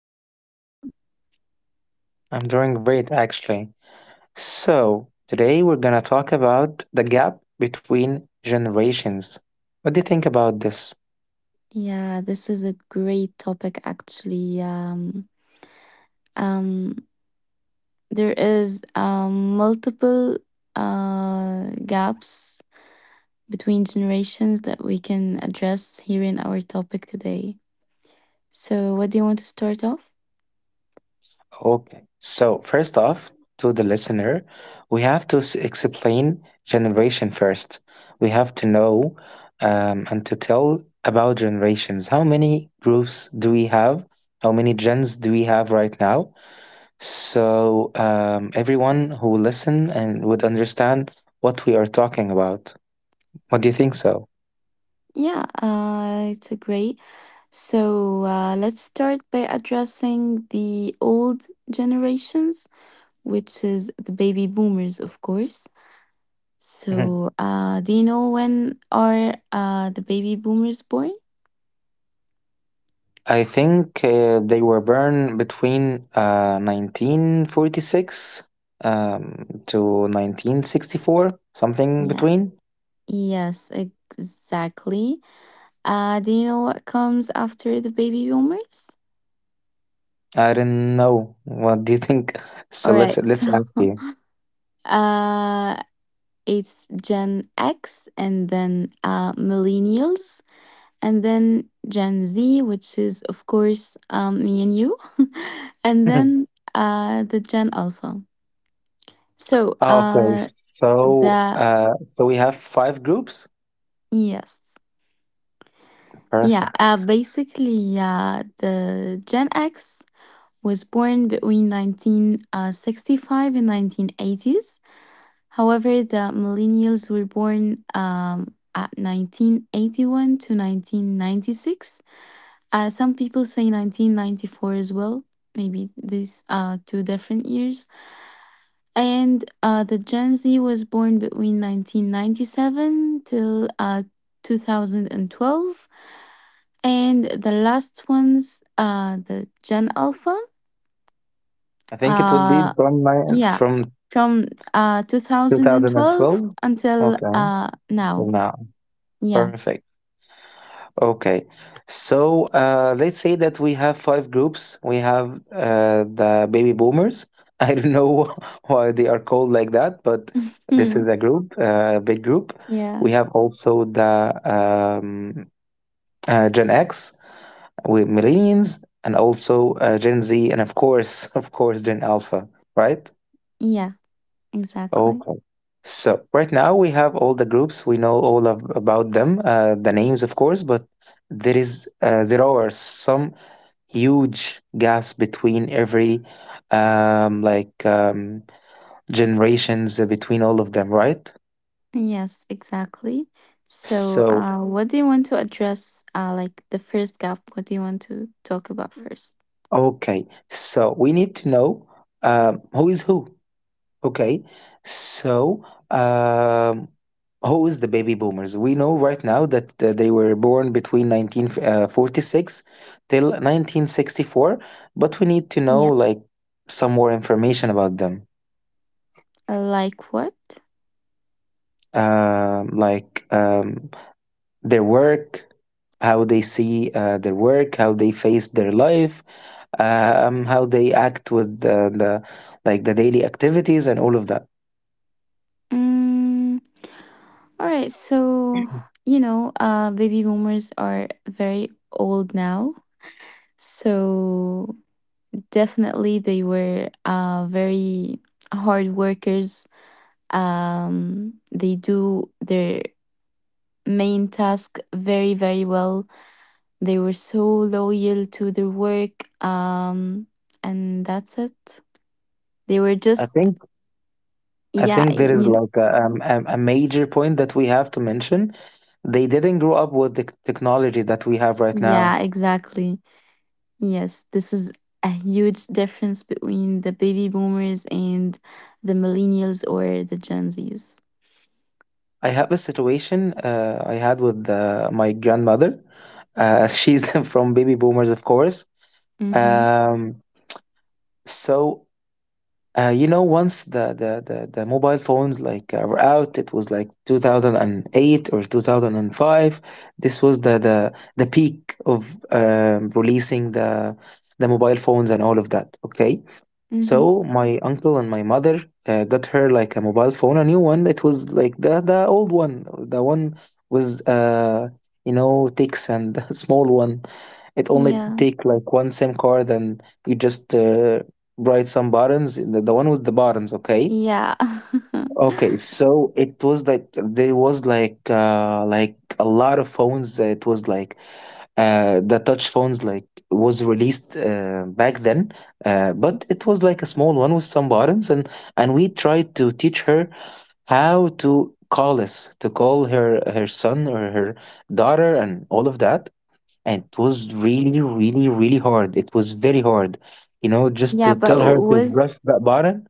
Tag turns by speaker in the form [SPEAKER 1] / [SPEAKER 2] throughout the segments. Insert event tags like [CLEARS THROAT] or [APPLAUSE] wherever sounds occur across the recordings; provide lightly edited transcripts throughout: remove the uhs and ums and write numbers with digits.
[SPEAKER 1] And how about you?
[SPEAKER 2] I'm doing great actually. So, today we're going to talk about the gap between generations. What do you think about this?
[SPEAKER 1] Yeah, this is a great topic actually. Um, there is multiple gaps between generations that we can address here in our topic today. So, what do you want to start off?
[SPEAKER 2] Okay. So, first off, to the listener, we have to explain generation first. We have to know and to tell about generations. How many groups do we have? How many gens do we have right now? Everyone who will listen and would understand what we are talking about. What do you think so?
[SPEAKER 1] Yeah, it's a great. So, let's start by addressing the old generations, which is the baby boomers, of course.
[SPEAKER 2] Mhm.
[SPEAKER 1] So, do you know when are the baby boomers born?
[SPEAKER 2] I think they were born between 1946 to 1964, something
[SPEAKER 1] Yeah.
[SPEAKER 2] between.
[SPEAKER 1] Yes, exactly. Do you know what comes after the baby boomers?
[SPEAKER 2] I don't know. What do you think? [LAUGHS]
[SPEAKER 1] All
[SPEAKER 2] So let's
[SPEAKER 1] right.
[SPEAKER 2] let's
[SPEAKER 1] So,
[SPEAKER 2] ask you.
[SPEAKER 1] [LAUGHS] uh, it's Gen X and then millennials and then Gen Z, which is, of course, me and you, [LAUGHS] and then
[SPEAKER 2] [LAUGHS]
[SPEAKER 1] the Gen Alpha. So,
[SPEAKER 2] Okay, so
[SPEAKER 1] the
[SPEAKER 2] so we have five groups.
[SPEAKER 1] yes. Yeah,
[SPEAKER 2] Perfect.
[SPEAKER 1] basically, the Gen X was born between 1965 and 1980s. However, the millennials were born at 1981 to 1996. Some people say 1994 as well. Maybe these two different years. And the Gen Z was born between 1997 till 2012. And the last one's the Gen Alpha.
[SPEAKER 2] I think it would be
[SPEAKER 1] Uh,
[SPEAKER 2] from
[SPEAKER 1] yeah, from 2012
[SPEAKER 2] 2012?
[SPEAKER 1] until
[SPEAKER 2] Okay, so
[SPEAKER 1] now.
[SPEAKER 2] now
[SPEAKER 1] Yeah.
[SPEAKER 2] perfect. Okay, so let's say that we have five groups. We have the baby boomers. [LAUGHS] I don't know [LAUGHS] why they are called like that, but this
[SPEAKER 1] Hmm.
[SPEAKER 2] is a group, big group.
[SPEAKER 1] Yeah.
[SPEAKER 2] We have also the um, Gen X, with millennials, and also Gen Z, and of course, [LAUGHS] of course, Gen Alpha, right?
[SPEAKER 1] Yeah, exactly.
[SPEAKER 2] Okay. So right now we have all the groups. We know all of, about them, the names, of course, but there are some huge gaps between every um, like um, generations between all of them, right?
[SPEAKER 1] Yes, exactly. So,
[SPEAKER 2] So
[SPEAKER 1] what do you want to address? Like the first gap, what do you want to talk about first?
[SPEAKER 2] okay, so we need to know who is who. Okay, so um, who is the baby boomers? We know right now that they were born between 1946 till 1964, but we need to know
[SPEAKER 1] Yeah.
[SPEAKER 2] like some more information about them.
[SPEAKER 1] Like what?
[SPEAKER 2] Um like um, their work, how they see their work, how they face their life, how they act with the like the daily activities and all of that.
[SPEAKER 1] Mm, all right. So,
[SPEAKER 2] [CLEARS THROAT]
[SPEAKER 1] baby boomers are very old now. So, definitely they were very hard workers. They do their main task very, very well. They were so loyal to their work. And that's it. They were
[SPEAKER 2] I
[SPEAKER 1] just,
[SPEAKER 2] think I
[SPEAKER 1] yeah,
[SPEAKER 2] think there is like a major point that we have to mention. They didn't grow up with the technology that we have right
[SPEAKER 1] yeah,
[SPEAKER 2] now.
[SPEAKER 1] exactly. Yes, this is a huge difference between the baby boomers and the millennials or the Gen Zs.
[SPEAKER 2] I have a situation I had with my grandmother. [LAUGHS] She's from baby boomers, of course.
[SPEAKER 1] Mm-hmm.
[SPEAKER 2] Um, so you know, once the mobile phones like were out, it was like 2008 or 2005. This was the peak of releasing the mobile phones and all of that. Okay,
[SPEAKER 1] Mm-hmm.
[SPEAKER 2] so my uncle and my mother got her like a mobile phone, a new one. It was like the old one, the one with you know ticks and [LAUGHS] small one. It only
[SPEAKER 1] Yeah.
[SPEAKER 2] take like one SIM card, and you just write some buttons. The one with the buttons, okay.
[SPEAKER 1] Yeah. [LAUGHS]
[SPEAKER 2] Okay, so it was like there was like a lot of phones. It was like the touch phones like was released back then, but it was like a small one with some buttons, and we tried to teach her how to call us to call her her son or her daughter and all of that, and it was really hard. It was very hard, you know, just
[SPEAKER 1] Yeah,
[SPEAKER 2] to
[SPEAKER 1] but
[SPEAKER 2] tell her to
[SPEAKER 1] was
[SPEAKER 2] press that button.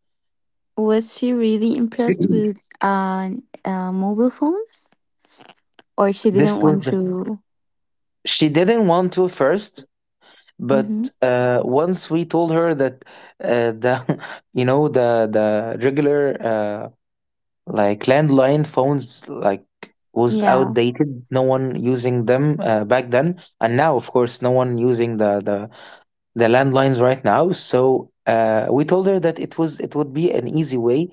[SPEAKER 1] was she really impressed with
[SPEAKER 2] [CLEARS THROAT]
[SPEAKER 1] mobile phones, or she
[SPEAKER 2] [LAUGHS]
[SPEAKER 1] didn't
[SPEAKER 2] This was
[SPEAKER 1] want
[SPEAKER 2] the,
[SPEAKER 1] to?
[SPEAKER 2] she didn't want to first,
[SPEAKER 1] Mm-hmm.
[SPEAKER 2] but once we told her that the [LAUGHS] you know the regular like landline phones like was
[SPEAKER 1] Yeah.
[SPEAKER 2] outdated, no one using them back then, and now of course no one using the landlines right now. So we told her that it was, it would be an easy way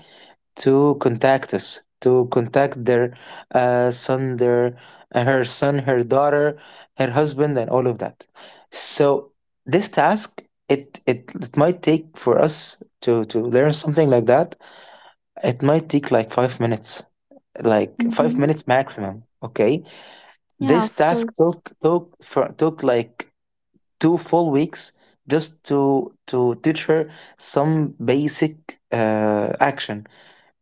[SPEAKER 2] to contact us, to contact their uh, son, their her son, her daughter, her husband, and all of that. So this task, it might take for us to learn something like that. It might take like five
[SPEAKER 1] Mm-hmm.
[SPEAKER 2] minutes maximum. Okay,
[SPEAKER 1] Yeah,
[SPEAKER 2] this
[SPEAKER 1] of
[SPEAKER 2] task
[SPEAKER 1] course.
[SPEAKER 2] took like 2 full weeks just to teach her some basic action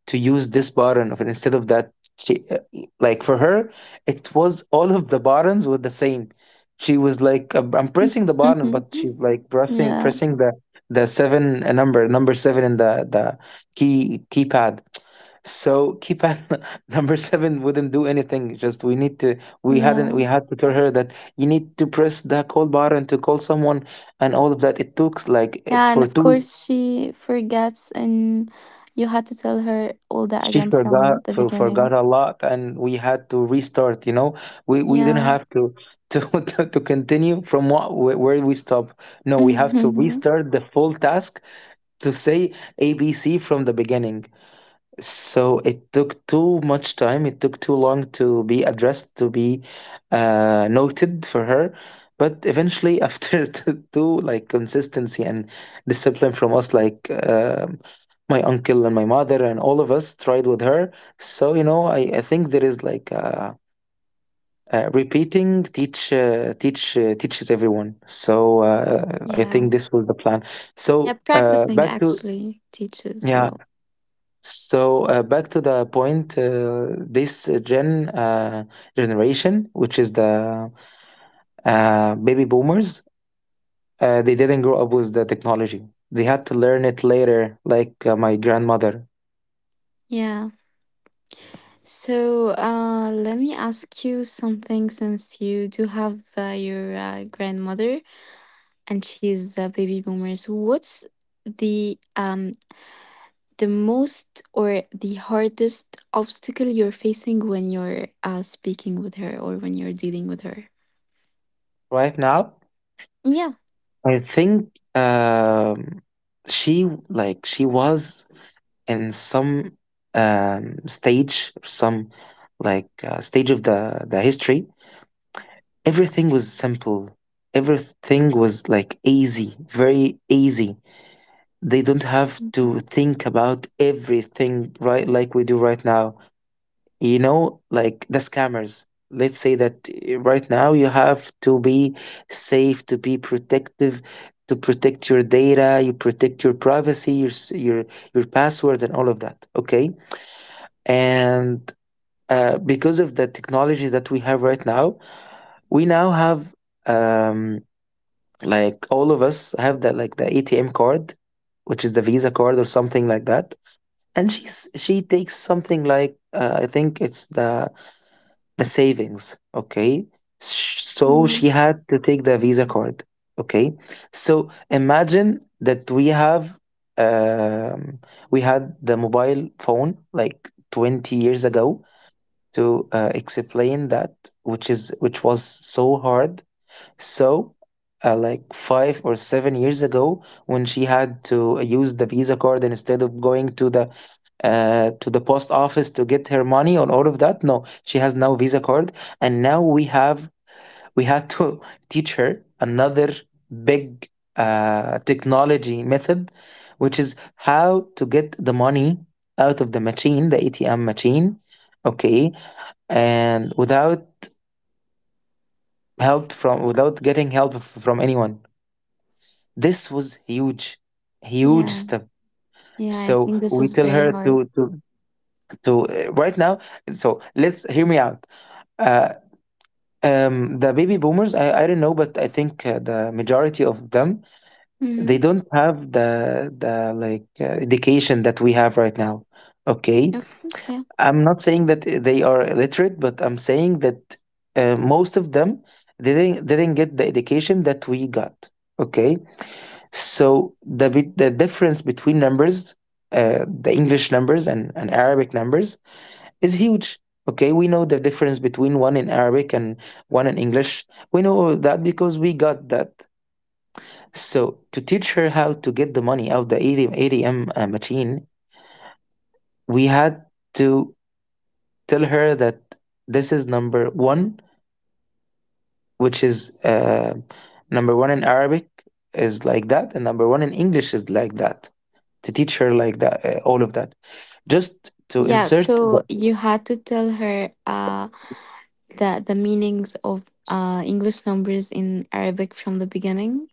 [SPEAKER 2] to use this button instead of that. She, like for her it was, all of the buttons were the same. She was like, I'm pressing the button," but she
[SPEAKER 1] [LAUGHS]
[SPEAKER 2] like pressing
[SPEAKER 1] Yeah.
[SPEAKER 2] pressing the seven number seven in the keypad. So keypad, [LAUGHS] number seven wouldn't do anything. Just we need to, we hadn't we
[SPEAKER 1] Yeah.
[SPEAKER 2] had to tell her that you need to press the call button to call someone and all of that. It took like it,
[SPEAKER 1] Yeah, and
[SPEAKER 2] for
[SPEAKER 1] of
[SPEAKER 2] two,
[SPEAKER 1] course she forgets, and you had to tell her all that
[SPEAKER 2] she
[SPEAKER 1] again
[SPEAKER 2] forgot
[SPEAKER 1] from the
[SPEAKER 2] forgot
[SPEAKER 1] beginning.
[SPEAKER 2] a lot and we had to restart. You know, we didn't
[SPEAKER 1] Yeah.
[SPEAKER 2] have to [LAUGHS] to continue from where we stop, no, we have to
[SPEAKER 1] [LAUGHS]
[SPEAKER 2] restart the full task, to say ABC from the beginning. So it took too much time. It took too long to be addressed, to be noted for her. But eventually, [LAUGHS] after two, two like consistency and discipline from us, like my uncle and my mother and all of us tried with her. So you know, I think there is like repeating teaches everyone. So I
[SPEAKER 1] Yeah.
[SPEAKER 2] think this was the plan.
[SPEAKER 1] Yeah,
[SPEAKER 2] So
[SPEAKER 1] practicing
[SPEAKER 2] back to
[SPEAKER 1] actually teaches a
[SPEAKER 2] Yeah,
[SPEAKER 1] lot.
[SPEAKER 2] so back to the point, this gen generation, which is the baby boomers, they didn't grow up with the technology. They had to learn it later, like my grandmother.
[SPEAKER 1] Yeah. So, let me ask you something since you do have your grandmother and she's a baby boomers. What's the most or the hardest obstacle you're facing when you're speaking with her or when you're dealing with her?
[SPEAKER 2] Right now,
[SPEAKER 1] Yeah.
[SPEAKER 2] I think um, she like she was in some stage, some like stage of the history. Everything was simple, everything was like easy, very easy. They don't have to
[SPEAKER 1] Mhm.
[SPEAKER 2] think about everything right like we do right now. You know, like the scammers, let's say that right now you have to be safe, to be protective, to protect your data, you protect your privacy, your passwords and all of that. Okay, and because of the technology that we have right now, we now have um, like all of us have that, like the ATM card, which is the Visa card or something like that. And she takes something like I think it's the savings. Okay, so
[SPEAKER 1] Yeah.
[SPEAKER 2] she had to take the Visa card. Okay, so imagine that we have um, we had the mobile phone like 20 years ago to explain that, which is which was so hard. So, like five or seven years ago, when she had to use the Visa card instead of going to the post office to get her money on all of that, no, she has now Visa card, and now we have, we had to [LAUGHS] teach her another big technology method, which is how to get the money out of the machine, the ATM machine, okay, and without help from, without getting help from anyone. This was huge, huge
[SPEAKER 1] Yeah.
[SPEAKER 2] step.
[SPEAKER 1] Yeah. I
[SPEAKER 2] So
[SPEAKER 1] think this
[SPEAKER 2] we
[SPEAKER 1] is
[SPEAKER 2] tell
[SPEAKER 1] very
[SPEAKER 2] her
[SPEAKER 1] hard.
[SPEAKER 2] to right now. So let's hear me out. Uh, the baby boomers, I don't know, but I think the majority of them,
[SPEAKER 1] Hmm.
[SPEAKER 2] they don't have the like education that we have right now.
[SPEAKER 1] Of
[SPEAKER 2] Okay,
[SPEAKER 1] course. Yeah.
[SPEAKER 2] I'm not saying that they are illiterate, but I'm saying that most of them didn't get the education that we got. Okay, so the difference between numbers, the English numbers and Arabic numbers, is huge. Okay, we know the difference between one in Arabic and one in English. We know all that because we got that. So to teach her how to get the money out the ATM machine, we had to tell her that this is number one, which is number one in Arabic is like that, and number one in English is like that. To teach her like that, all of that. Just to
[SPEAKER 1] Yeah.
[SPEAKER 2] insert. But
[SPEAKER 1] So you had to tell her the meanings of English numbers in Arabic from the beginning.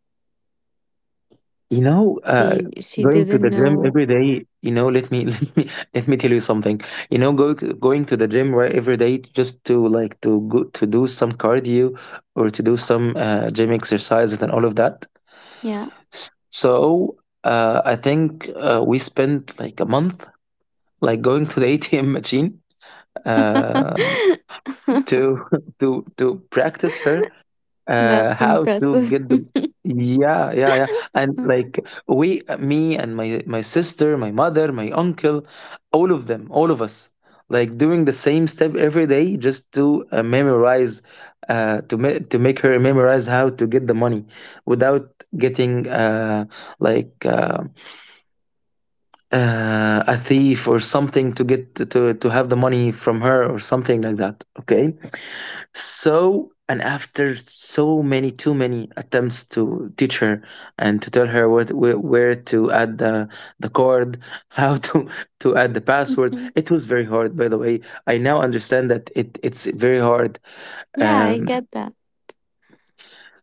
[SPEAKER 2] you know,
[SPEAKER 1] She
[SPEAKER 2] going to
[SPEAKER 1] didn't
[SPEAKER 2] the gym
[SPEAKER 1] know.
[SPEAKER 2] every day. You know, let me [LAUGHS] let me tell you something. You know, going to the gym right every day just to like to go to do some cardio or to do some gym exercises and all of that.
[SPEAKER 1] Yeah.
[SPEAKER 2] So I think we spent like a month like going to the [LAUGHS] ATM machine uh,
[SPEAKER 1] [LAUGHS]
[SPEAKER 2] to [LAUGHS] to practice her
[SPEAKER 1] That's
[SPEAKER 2] how to
[SPEAKER 1] impressive.
[SPEAKER 2] get them. Yeah, yeah, yeah. And like we me and my sister, my mother, my uncle, all of them, all of us, like doing the same step every day just to memorize, to make her memorize how to get the money without getting like uh, a thief or something to get to have the money from her or something like that. Okay, and after so many, too many attempts to teach her and to tell her what where to add the card, how to [LAUGHS] to add the password, it
[SPEAKER 1] [LAUGHS]
[SPEAKER 2] was very hard. By the way, I now understand that it's very hard.
[SPEAKER 1] Yeah, I
[SPEAKER 2] Um,
[SPEAKER 1] get that.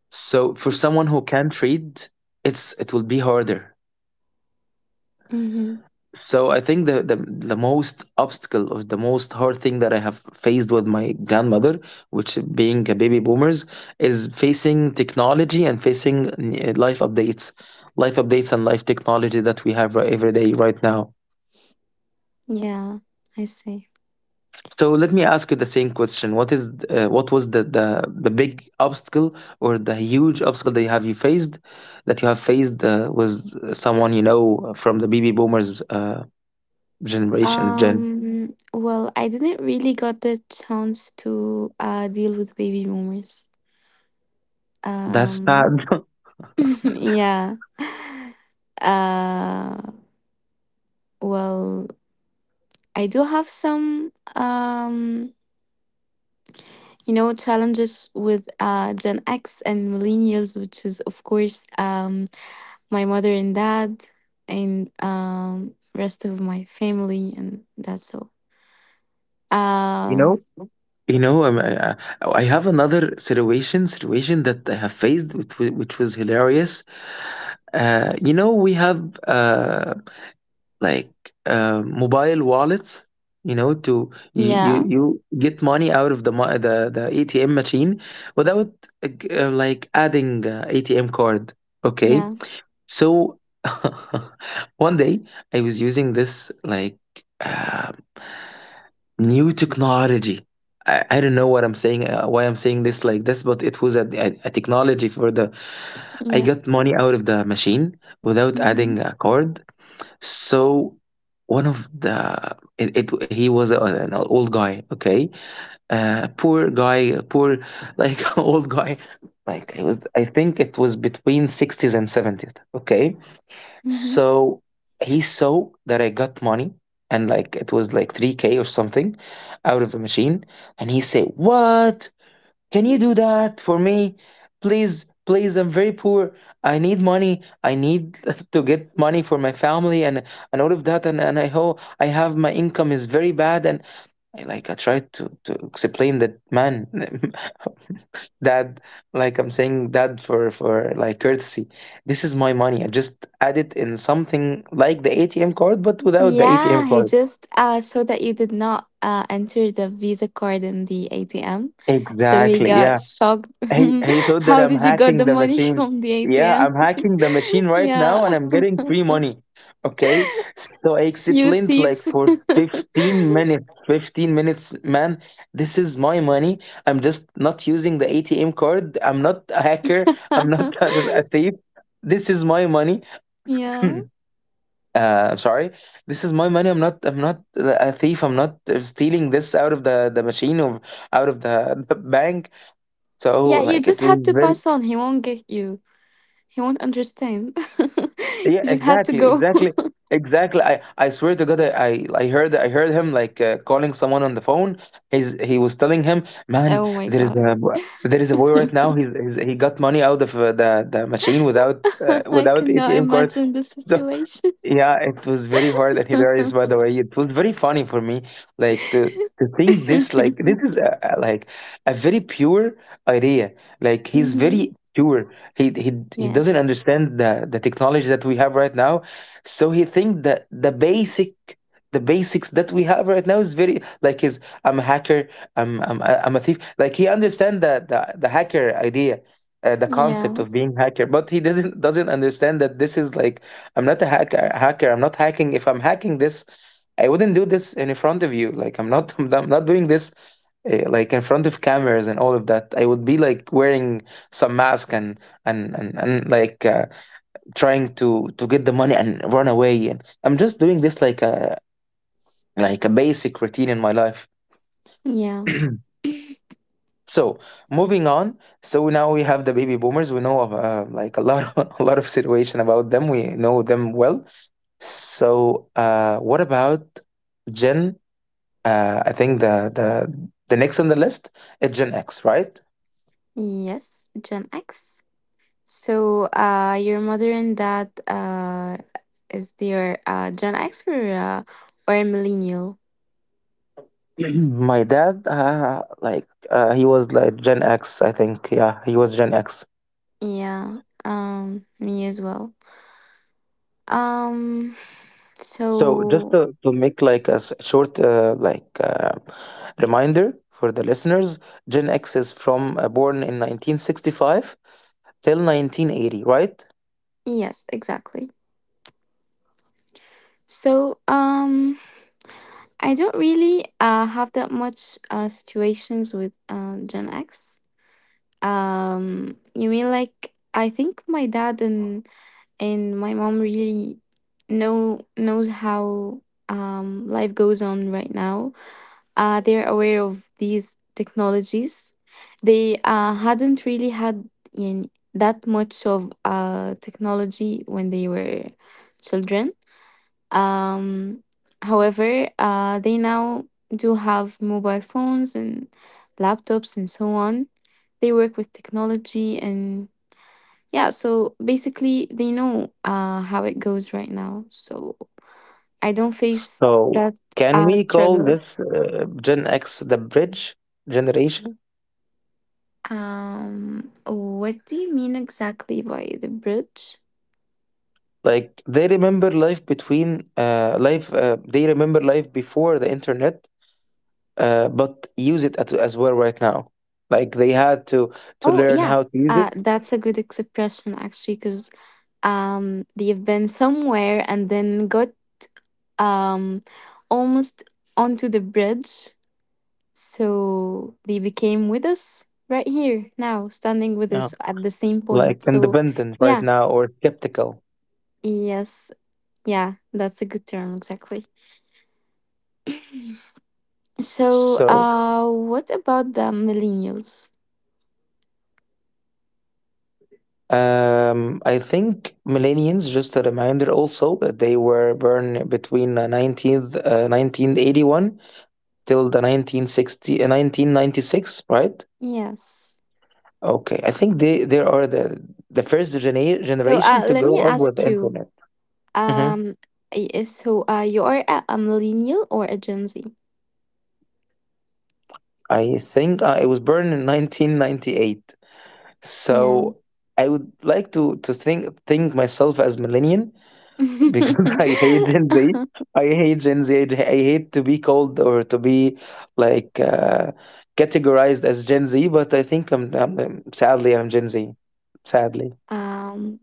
[SPEAKER 2] so for someone who can't read, it will be harder.
[SPEAKER 1] Mm-hmm.
[SPEAKER 2] So I think the, the most obstacle of the most hard thing that I have faced with my grandmother, which being a baby boomers, is facing technology and facing uh, life updates, life updates and life technology that we have every day right now.
[SPEAKER 1] Yeah, I see.
[SPEAKER 2] So let me ask you the same question: what is what was the, the big obstacle or the huge obstacle that you faced, that you have faced was someone you know from the baby boomers generation gen?
[SPEAKER 1] Well, I didn't really got the chance to deal with baby boomers.
[SPEAKER 2] That's
[SPEAKER 1] Um,
[SPEAKER 2] sad.
[SPEAKER 1] [LAUGHS]
[SPEAKER 2] [LAUGHS]
[SPEAKER 1] yeah. Uh, well, I do have some challenges with Gen X and millennials, which is of course my mother and dad and rest of my family and that's all.
[SPEAKER 2] You
[SPEAKER 1] Uh,
[SPEAKER 2] know? I oh, I have another situation that I have faced, which, which was hilarious. You know, we have like mobile wallets. You know, to
[SPEAKER 1] yeah,
[SPEAKER 2] you get money out of the ATM machine without like adding ATM card. Okay.
[SPEAKER 1] yeah,
[SPEAKER 2] So [LAUGHS] one day I was using this like uh, new technology. I don't know what I'm saying, why I'm saying this like this, but it was a technology for the. I
[SPEAKER 1] yeah.
[SPEAKER 2] got money out of the machine without
[SPEAKER 1] Mm-hmm.
[SPEAKER 2] adding a card. So one of the it, it he was an old guy, okay, poor guy, poor like [LAUGHS] old guy. Like it was, I think it was between 60s and 70s, okay.
[SPEAKER 1] Mm-hmm.
[SPEAKER 2] So he saw that I got money, and like it was like 3K or something out of the machine. And he said, "What? Can you do that for me? Please, please, I'm very poor. I need money. I need [LAUGHS] to get money for my family and all of that. And I hope I have my income is very bad." And I like I tried to explain that man [LAUGHS] that, like, I'm saying that for like courtesy, this is my money, I just add it in something like the ATM card but without the
[SPEAKER 1] Yeah,
[SPEAKER 2] ATM
[SPEAKER 1] he
[SPEAKER 2] card.
[SPEAKER 1] just saw that you did not enter the Visa card in the ATM, so he
[SPEAKER 2] Exactly, yeah.
[SPEAKER 1] got shocked.
[SPEAKER 2] he,
[SPEAKER 1] [LAUGHS]
[SPEAKER 2] he thought that
[SPEAKER 1] How
[SPEAKER 2] I'm
[SPEAKER 1] did you got
[SPEAKER 2] hacking
[SPEAKER 1] the
[SPEAKER 2] the
[SPEAKER 1] money [LAUGHS]
[SPEAKER 2] machine.
[SPEAKER 1] from the
[SPEAKER 2] Yeah,
[SPEAKER 1] ATM?
[SPEAKER 2] I'm hacking the machine
[SPEAKER 1] [LAUGHS]
[SPEAKER 2] right now and
[SPEAKER 1] Yeah,
[SPEAKER 2] I'm getting free money. Okay. So I
[SPEAKER 1] you
[SPEAKER 2] explained like
[SPEAKER 1] thief.
[SPEAKER 2] for 15 minutes, 15 minutes, man, this is my money, I'm just not using the ATM card, I'm not a hacker, I'm not [LAUGHS]
[SPEAKER 1] [LAUGHS]
[SPEAKER 2] a thief, this is my money.
[SPEAKER 1] Yeah,
[SPEAKER 2] [CLEARS THROAT] [LAUGHS] uh, I'm sorry. This is my money. I'm not. I'm not a thief. I'm not stealing this out of the machine or out of the bank. So
[SPEAKER 1] yeah. You
[SPEAKER 2] like it
[SPEAKER 1] just
[SPEAKER 2] was
[SPEAKER 1] had to
[SPEAKER 2] very,
[SPEAKER 1] pass on. He won't get you. He won't understand. [LAUGHS]
[SPEAKER 2] yeah,
[SPEAKER 1] You just had to
[SPEAKER 2] exactly
[SPEAKER 1] go.
[SPEAKER 2] exactly exactly. I swear to God I heard him like calling someone on the phone. He was telling him,
[SPEAKER 1] [LAUGHS]
[SPEAKER 2] "Man,
[SPEAKER 1] Oh my
[SPEAKER 2] there is
[SPEAKER 1] god.
[SPEAKER 2] there is a boy right
[SPEAKER 1] [LAUGHS]
[SPEAKER 2] now. He got money out of the machine without
[SPEAKER 1] [LAUGHS] I
[SPEAKER 2] without
[SPEAKER 1] cannot
[SPEAKER 2] ATM card." [LAUGHS]
[SPEAKER 1] imagine the
[SPEAKER 2] So.
[SPEAKER 1] situation.
[SPEAKER 2] Yeah, it was very hard and hilarious, by
[SPEAKER 1] [LAUGHS]
[SPEAKER 2] the way. It was very funny for me, like to think this, like this is like a very pure idea. Like he's
[SPEAKER 1] Mhm.
[SPEAKER 2] very pure. He doesn't
[SPEAKER 1] Yes.
[SPEAKER 2] understand the technology that we have right now, so he think that the basic the basics that we have right now is very like is I'm a hacker, I'm am I I'm a thief. Like he understand the the hacker idea. The concept
[SPEAKER 1] Yeah.
[SPEAKER 2] of being hacker, but he doesn't understand that this is like I'm not a hacker. Hacker. I'm not hacking. If I'm hacking this, I wouldn't do this in front of you. Like I'm not. [LAUGHS] I'm not doing this like in front of cameras and all of that. I would be like wearing some mask and like trying to get the money and run away. And I'm just doing this like a basic routine in my life.
[SPEAKER 1] Yeah.
[SPEAKER 2] [CLEARS THROAT] So moving on. So now we have the baby boomers. We know like a lot [LAUGHS] a lot of situation about them. We know them well. So, what about Gen? I think the the next on the list is Gen X, right?
[SPEAKER 1] Yes. Gen X. So, your mother and dad, is their Gen X or a millennial?
[SPEAKER 2] [CLEARS THROAT] My dad, he was like Gen X, I think. Yeah, he was Gen X.
[SPEAKER 1] Yeah. Me as well. Um.
[SPEAKER 2] So just
[SPEAKER 1] So
[SPEAKER 2] to make like short reminder for the listeners, Gen X is from born in 1965 till 1980, right?
[SPEAKER 1] yes, exactly. So, I don't really have that much situations with Gen X. You mean, like, I think my dad and my mom really knows how life goes on right now. They're aware of these technologies. They hadn't really had that much of technology when they were children, um, however, they now do have mobile phones and laptops and so on. They work with technology and, yeah, so basically they know how it goes right now. So I don't face
[SPEAKER 2] So
[SPEAKER 1] that
[SPEAKER 2] can we call this
[SPEAKER 1] struggles.
[SPEAKER 2] Gen X the bridge generation?
[SPEAKER 1] What do you mean exactly by the bridge?
[SPEAKER 2] Like they remember life between they remember life before the internet, but use it as well right now. Like they had to
[SPEAKER 1] Oh,
[SPEAKER 2] learn
[SPEAKER 1] yeah.
[SPEAKER 2] how to use it,
[SPEAKER 1] That's a good expression actually, because they've been somewhere and then got um, almost onto the bridge. So they became with us right here now, standing with
[SPEAKER 2] yeah.
[SPEAKER 1] us at the same
[SPEAKER 2] Like
[SPEAKER 1] point. So,
[SPEAKER 2] independent right
[SPEAKER 1] yeah,
[SPEAKER 2] now or skeptical.
[SPEAKER 1] yes, yeah, that's a good term, exactly. [CLEARS THROAT] So,
[SPEAKER 2] So
[SPEAKER 1] what about the millennials?
[SPEAKER 2] I think millennials, just a reminder also, that they were born between 1981 till the 1960 uh, 1996, right?
[SPEAKER 1] Yes.
[SPEAKER 2] Okay, I think they are the first
[SPEAKER 1] So,
[SPEAKER 2] generation to
[SPEAKER 1] let
[SPEAKER 2] grow
[SPEAKER 1] me
[SPEAKER 2] up with
[SPEAKER 1] ask
[SPEAKER 2] the
[SPEAKER 1] you,
[SPEAKER 2] internet. Hmm.
[SPEAKER 1] um, you are a millennial or a Gen Z?
[SPEAKER 2] I think I was born in 1998,
[SPEAKER 1] Yeah.
[SPEAKER 2] so I would like to think myself as millennial because [LAUGHS] I hate Gen Z.
[SPEAKER 1] [LAUGHS]
[SPEAKER 2] I hate Gen Z. I hate to be called or to be like categorized as Gen Z, but I think sadly I'm Gen Z, sadly.
[SPEAKER 1] um,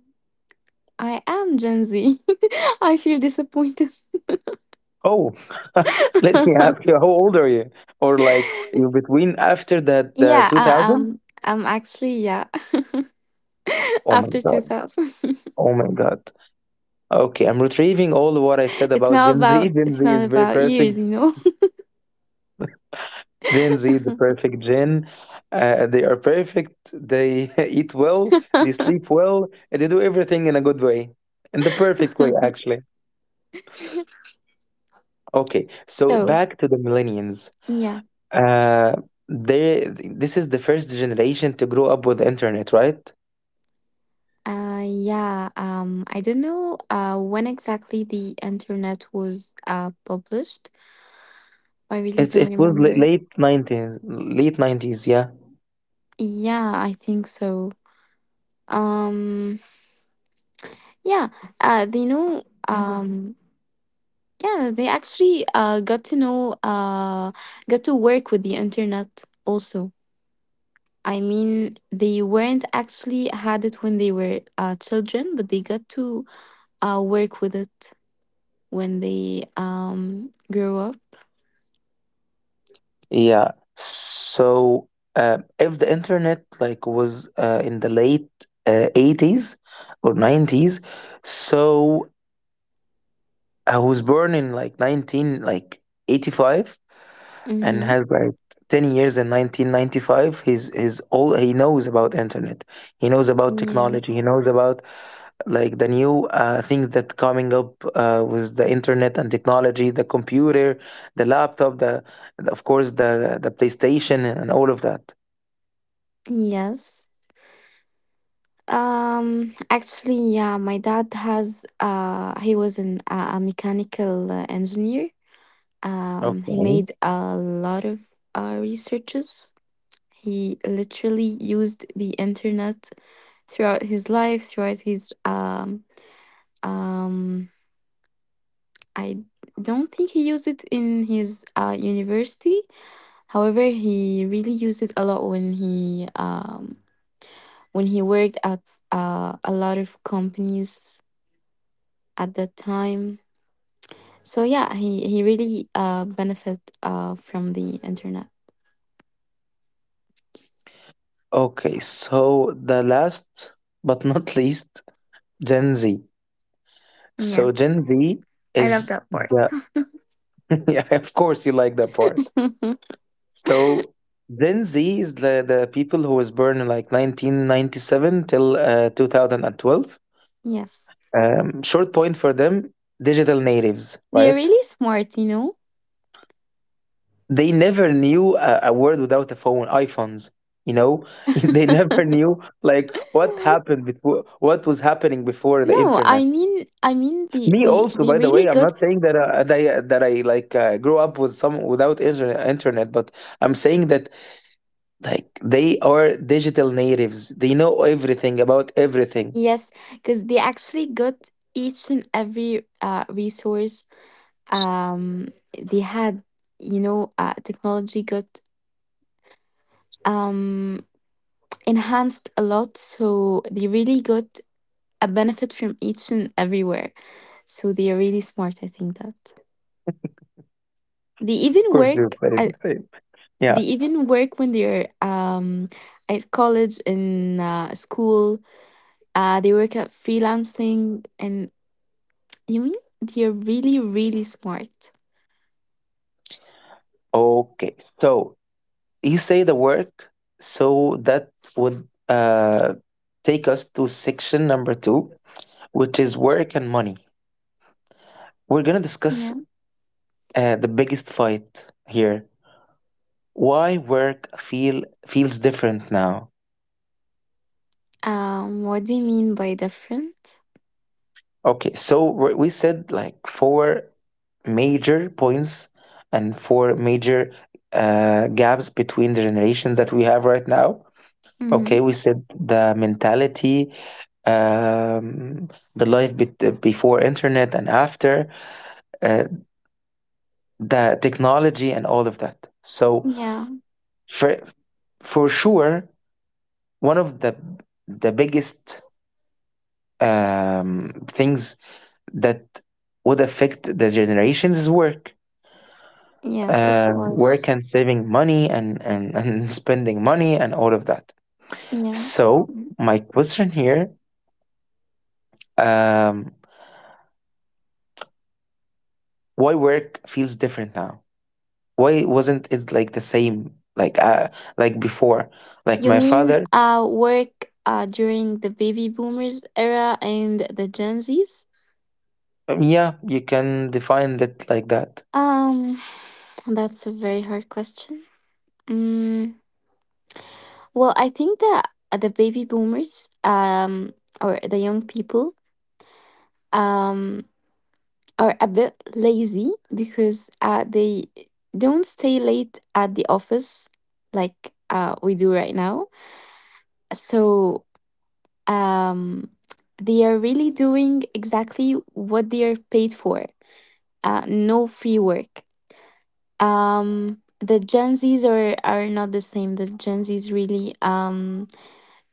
[SPEAKER 1] I am Gen Z. [LAUGHS] I feel disappointed. [LAUGHS]
[SPEAKER 2] Oh, [LAUGHS] let me ask you, how old are you? Or like you're between after that the
[SPEAKER 1] Yeah, I,
[SPEAKER 2] 2000?
[SPEAKER 1] um, I'm actually yeah. [LAUGHS]
[SPEAKER 2] Oh my
[SPEAKER 1] After two
[SPEAKER 2] God.
[SPEAKER 1] thousand,
[SPEAKER 2] Oh my God. Okay, I'm retrieving all what I said
[SPEAKER 1] [LAUGHS] it's
[SPEAKER 2] about
[SPEAKER 1] not
[SPEAKER 2] Gen Z.
[SPEAKER 1] about
[SPEAKER 2] [LAUGHS] Gen
[SPEAKER 1] it's
[SPEAKER 2] Z
[SPEAKER 1] not
[SPEAKER 2] is very
[SPEAKER 1] about years,
[SPEAKER 2] perfect.
[SPEAKER 1] you know.
[SPEAKER 2] Gen Z is the perfect gen. They are perfect. They [LAUGHS] eat well. They sleep
[SPEAKER 1] [LAUGHS]
[SPEAKER 2] well, and they do everything in a good way, in the perfect way, actually. Okay, so
[SPEAKER 1] So
[SPEAKER 2] back to the millennials.
[SPEAKER 1] yeah,
[SPEAKER 2] Uh, they this is the first generation to grow up with the internet, right?
[SPEAKER 1] yeah. I don't know when exactly the internet was published. I really
[SPEAKER 2] It
[SPEAKER 1] don't
[SPEAKER 2] it was
[SPEAKER 1] remember.
[SPEAKER 2] late 90s, late 90s, yeah.
[SPEAKER 1] Yeah, I think so. Um. Yeah, they know. Yeah, they actually got to know, got to work with the internet also. I mean, they weren't actually had it when they were children, but they got to work with it when they grew up.
[SPEAKER 2] Yeah. So, if the internet like was in the late 80s or 90s, so I was born in like 19 like 85, and
[SPEAKER 1] Mm-hmm.
[SPEAKER 2] has like 10 years in 1995. He's all he knows about internet, he knows about
[SPEAKER 1] Yeah.
[SPEAKER 2] technology, he knows about like the new things that coming up with the internet and technology, the computer, the laptop, the of course the playstation and all of that.
[SPEAKER 1] Yes. Actually, yeah, my dad has, he was an, a mechanical engineer. He
[SPEAKER 2] Okay.
[SPEAKER 1] made a lot of researches. He literally used the internet throughout his life, throughout his um, I don't think he used it in his university. However, he really used it a lot when he when he worked at a lot of companies at that time. So yeah, he really benefit from the internet.
[SPEAKER 2] Okay, so the last but not [LAUGHS] least, Gen Z.
[SPEAKER 1] Yeah.
[SPEAKER 2] So Gen Z
[SPEAKER 1] I love
[SPEAKER 2] is
[SPEAKER 1] that part.
[SPEAKER 2] the [LAUGHS] yeah, of course you like that part.
[SPEAKER 1] [LAUGHS]
[SPEAKER 2] So Gen Z is the people who was born in like 1997 till 2012.
[SPEAKER 1] Yes.
[SPEAKER 2] Short point for them, digital natives,
[SPEAKER 1] They're
[SPEAKER 2] right?
[SPEAKER 1] really smart, you know?
[SPEAKER 2] They never knew a world without a phone, iPhones. You know, [LAUGHS] they never
[SPEAKER 1] [LAUGHS]
[SPEAKER 2] knew like what happened before, what was happening before the
[SPEAKER 1] No,
[SPEAKER 2] internet.
[SPEAKER 1] I mean
[SPEAKER 2] Me also,
[SPEAKER 1] they
[SPEAKER 2] by the way,
[SPEAKER 1] really
[SPEAKER 2] I'm
[SPEAKER 1] got
[SPEAKER 2] not saying that, that I like grew up with some without internet, but I'm saying that like they are digital natives. They know everything about everything.
[SPEAKER 1] yes, because they actually got each and every resource. Um they had, technology got um enhanced a lot, so they really got a benefit from each and everywhere. So they are really smart, I think that. They
[SPEAKER 2] Of
[SPEAKER 1] even
[SPEAKER 2] course,
[SPEAKER 1] work
[SPEAKER 2] they're very the
[SPEAKER 1] a-
[SPEAKER 2] same. Yeah.
[SPEAKER 1] They even work when they're at college in school. They work at freelancing, and you mean they're really, really smart.
[SPEAKER 2] Okay. So you say the work. So that would take us to section number 2, which is work and money. We're gonna discuss
[SPEAKER 1] Yeah.
[SPEAKER 2] the biggest fight here. Why work feel feels different now?
[SPEAKER 1] What do you mean by different?
[SPEAKER 2] Okay, so we said like 4 major points and 4 major gaps between the generations that we have right now.
[SPEAKER 1] Mm-hmm.
[SPEAKER 2] Okay, we said the mentality, um, the life bet before internet and after, uh, the technology and all of that. So
[SPEAKER 1] Yeah.
[SPEAKER 2] for for sure, one of the biggest things that would affect the generations is work.
[SPEAKER 1] Yes, of
[SPEAKER 2] Work
[SPEAKER 1] course.
[SPEAKER 2] and saving money and, [LAUGHS] and spending money and all of that.
[SPEAKER 1] Yeah.
[SPEAKER 2] So, my question here, um, why work feels different now? Why wasn't it like the same like before? Like
[SPEAKER 1] You
[SPEAKER 2] my
[SPEAKER 1] mean
[SPEAKER 2] father,
[SPEAKER 1] work during the baby boomers era and the Gen Zs?
[SPEAKER 2] yeah, you can define it like that.
[SPEAKER 1] Um, [SIGHS] that's a very hard question. Mm, Well, I think that the baby boomers or the young people um, are a bit lazy because they don't stay late at the office like we do right now. So um, they are really doing exactly what they are paid for. No free work. The Gen Zs are not the same. The Gen Zs really.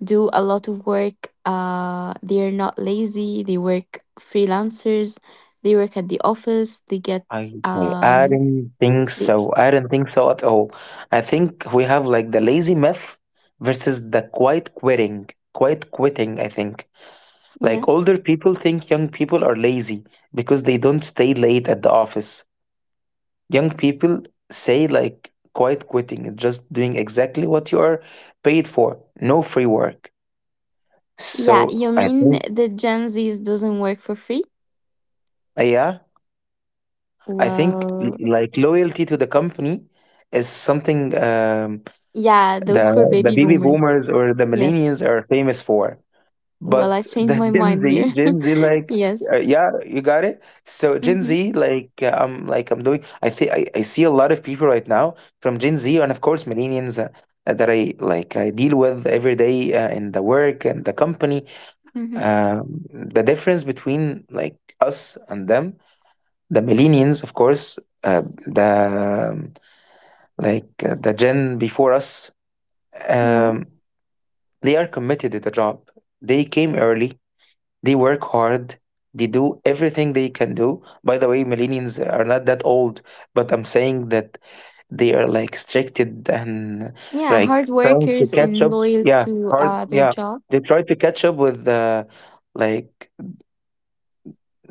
[SPEAKER 1] Do a lot of work. They are not lazy. They work freelancers. They work at the office. They get
[SPEAKER 2] I I
[SPEAKER 1] um.
[SPEAKER 2] don't think
[SPEAKER 1] They,
[SPEAKER 2] so. I don't think so at all. I think we have like the lazy myth versus the quiet quitting. Quiet quitting, I think.
[SPEAKER 1] yeah.
[SPEAKER 2] Like older people think young people are lazy because they don't stay late at the office. Young people say like quiet quitting, just doing exactly what you are paid for, no free work.
[SPEAKER 1] Yeah.
[SPEAKER 2] So
[SPEAKER 1] You
[SPEAKER 2] I
[SPEAKER 1] mean
[SPEAKER 2] think,
[SPEAKER 1] the Gen Zs doesn't work for free?
[SPEAKER 2] yeah, I think
[SPEAKER 1] Well,
[SPEAKER 2] like loyalty to the company is something
[SPEAKER 1] yeah.
[SPEAKER 2] the
[SPEAKER 1] Those for
[SPEAKER 2] the
[SPEAKER 1] baby
[SPEAKER 2] baby
[SPEAKER 1] boomers.
[SPEAKER 2] boomers or the
[SPEAKER 1] Yes.
[SPEAKER 2] millennials are famous for.
[SPEAKER 1] Well,
[SPEAKER 2] But
[SPEAKER 1] I changed
[SPEAKER 2] the
[SPEAKER 1] my
[SPEAKER 2] [LAUGHS]
[SPEAKER 1] mind here.
[SPEAKER 2] Gen Z, like,
[SPEAKER 1] [LAUGHS] Yes.
[SPEAKER 2] yeah, you got it. So Gen Z,
[SPEAKER 1] Mm-hmm.
[SPEAKER 2] like, I'm like I'm doing. I think I see a lot of people right now from Gen Z, and of course millennials that I deal with every day in the work and the company.
[SPEAKER 1] Mm-hmm.
[SPEAKER 2] The difference between like us and them, the millennials, of course, the gen before us,
[SPEAKER 1] Yeah.
[SPEAKER 2] um, they are committed to the job. They came early. They work hard. They do everything they can do. By the way, millennials are not that old, but I'm saying that they are like stricted and
[SPEAKER 1] Yeah.
[SPEAKER 2] like
[SPEAKER 1] Hard
[SPEAKER 2] trying to
[SPEAKER 1] workers
[SPEAKER 2] catch
[SPEAKER 1] and
[SPEAKER 2] up.
[SPEAKER 1] loyal
[SPEAKER 2] Yeah,
[SPEAKER 1] to
[SPEAKER 2] hard.
[SPEAKER 1] their
[SPEAKER 2] Yeah,
[SPEAKER 1] job.
[SPEAKER 2] they try to catch up with like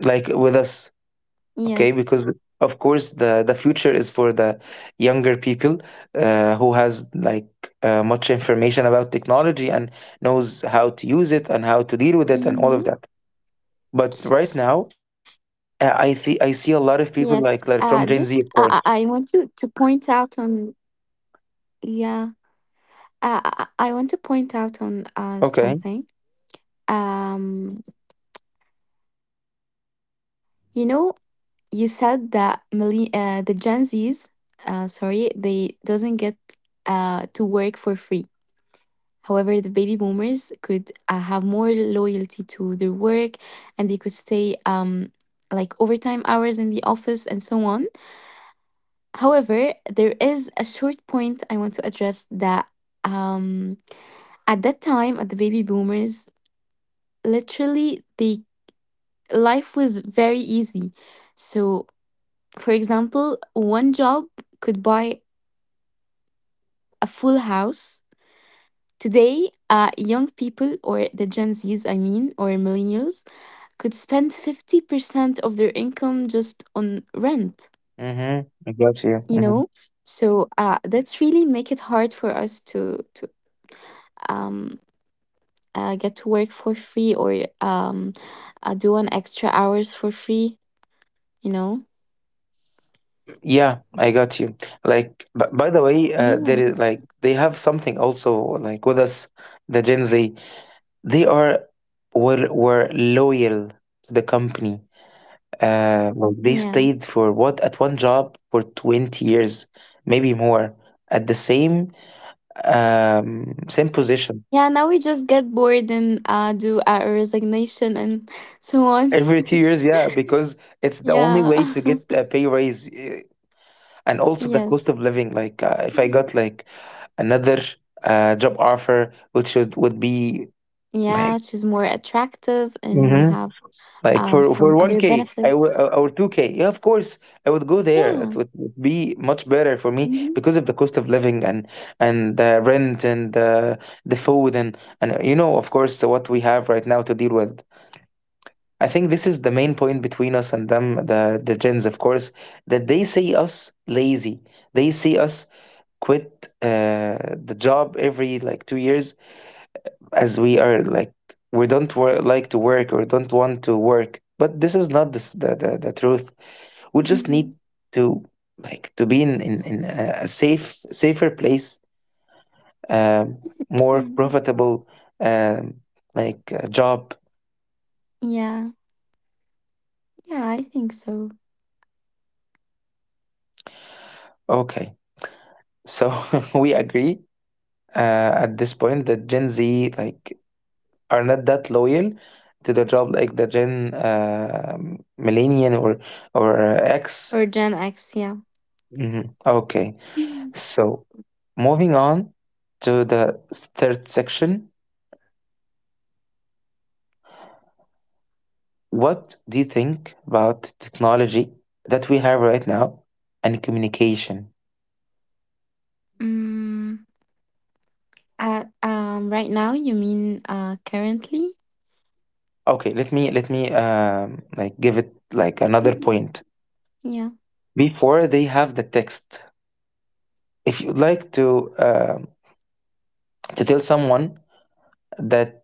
[SPEAKER 2] like with us. Okay,
[SPEAKER 1] Yes.
[SPEAKER 2] because of course the future is for the younger people, who has like much information about technology and knows how to use it and how to deal with it and all of that.
[SPEAKER 1] Mm-hmm.
[SPEAKER 2] But right now,
[SPEAKER 1] Yes,
[SPEAKER 2] I see.
[SPEAKER 1] just
[SPEAKER 2] I see
[SPEAKER 1] I,
[SPEAKER 2] a lot
[SPEAKER 1] I I
[SPEAKER 2] of
[SPEAKER 1] want
[SPEAKER 2] people like
[SPEAKER 1] to
[SPEAKER 2] like from
[SPEAKER 1] point
[SPEAKER 2] Gen Z, of
[SPEAKER 1] out
[SPEAKER 2] course.
[SPEAKER 1] on yeah, I want to point out on something.
[SPEAKER 2] Okay.
[SPEAKER 1] Um, you know, you said that millenn the Gen Zs, sorry, they doesn't get to work for free. However, the baby boomers could have more loyalty to their work, and they could stay like overtime hours in the office and so on. However, there is a short point I want to address that um, at that time, at the baby boomers, literally the life was very easy. So, for example, one job could buy a full house. Today, young people or the Gen Zs, I mean, or millennials, could spend 50% of their income just on rent,
[SPEAKER 2] Mm-hmm. I got you.
[SPEAKER 1] you know? So that's really make it hard for us to um, get to work for free or do an extra hours for free, you know?
[SPEAKER 2] Yeah, I got you. Like, but by the way,
[SPEAKER 1] Yeah.
[SPEAKER 2] there is like they have something also like with us, the
[SPEAKER 1] Like,
[SPEAKER 2] Gen Z. They are were loyal to the company. Like
[SPEAKER 1] yeah.
[SPEAKER 2] they stayed for what at one job for 20 years, maybe more, at the same
[SPEAKER 1] Yeah, now we
[SPEAKER 2] position
[SPEAKER 1] just get bored and do our resignation and [LAUGHS] so on. [LAUGHS]
[SPEAKER 2] every 2 years. Yeah, because it's the
[SPEAKER 1] Yeah.
[SPEAKER 2] only way to get a pay raise.
[SPEAKER 1] [LAUGHS]
[SPEAKER 2] And also
[SPEAKER 1] Yes.
[SPEAKER 2] the cost of living, like
[SPEAKER 1] Mhm.
[SPEAKER 2] if I got like another job offer which is, would be
[SPEAKER 1] Yeah, which
[SPEAKER 2] like
[SPEAKER 1] is more attractive and
[SPEAKER 2] hmm
[SPEAKER 1] have
[SPEAKER 2] like for
[SPEAKER 1] some
[SPEAKER 2] for
[SPEAKER 1] other
[SPEAKER 2] 1k,
[SPEAKER 1] benefits.
[SPEAKER 2] or 2k, yeah, of course I would go there.
[SPEAKER 1] Yeah.
[SPEAKER 2] It would be much better for me
[SPEAKER 1] Hmm.
[SPEAKER 2] because of the cost of living and the rent and the food, and you know, of course, what we have right now to deal with. I think this is the main point between us and them, the gens, of course, that they see us lazy. They see us quit the job every like 2 years, as we are like we don't like to work or don't want to work. But this is not the, s- the truth. We just need
[SPEAKER 1] Hmm.
[SPEAKER 2] to like to be in a safer place, um, more profitable, um, job.
[SPEAKER 1] Yeah. Yeah, I think so.
[SPEAKER 2] Okay, so [LAUGHS] we agree at this point that Gen Z like are not that loyal to the job like the Gen Millennial or X.
[SPEAKER 1] Or Gen X, yeah.
[SPEAKER 2] Mhm. Okay,
[SPEAKER 1] [LAUGHS]
[SPEAKER 2] so moving on to the third section. What do you think about technology that we have right now and communication?
[SPEAKER 1] Mm. Right now, you mean currently?
[SPEAKER 2] Okay, let me like give it like another
[SPEAKER 1] Mhm.
[SPEAKER 2] point.
[SPEAKER 1] Yeah.
[SPEAKER 2] Before they have the text, if you'd like to tell someone that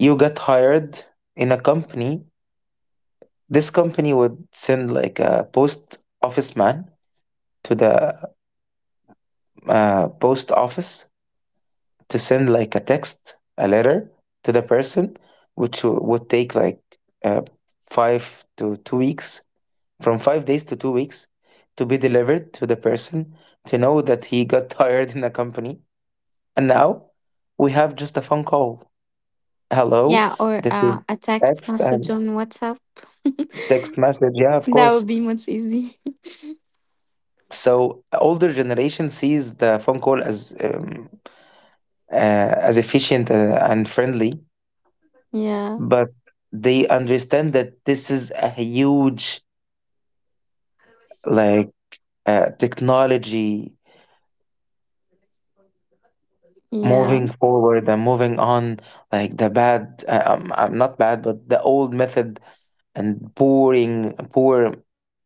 [SPEAKER 2] you got hired in a company, this company would send like a post office man to the post office to send like a text, a letter to the person, which would take like uh, 5 to 2 weeks, from 5 days to 2 weeks, to be delivered to the person to know that he got [LAUGHS] hired in the company. And now we have just a phone call. Hello,
[SPEAKER 1] Yeah, or
[SPEAKER 2] this is
[SPEAKER 1] a text
[SPEAKER 2] X
[SPEAKER 1] message
[SPEAKER 2] and
[SPEAKER 1] on WhatsApp. [LAUGHS]
[SPEAKER 2] text message. Yeah, of
[SPEAKER 1] That would
[SPEAKER 2] course.
[SPEAKER 1] be much easy. [LAUGHS]
[SPEAKER 2] So older generation sees the phone call uh, as efficient and friendly,
[SPEAKER 1] Yeah.
[SPEAKER 2] but they understand that this is a huge like technology
[SPEAKER 1] Yeah.
[SPEAKER 2] moving forward and moving on, like the bad not bad, but the old method and pouring poor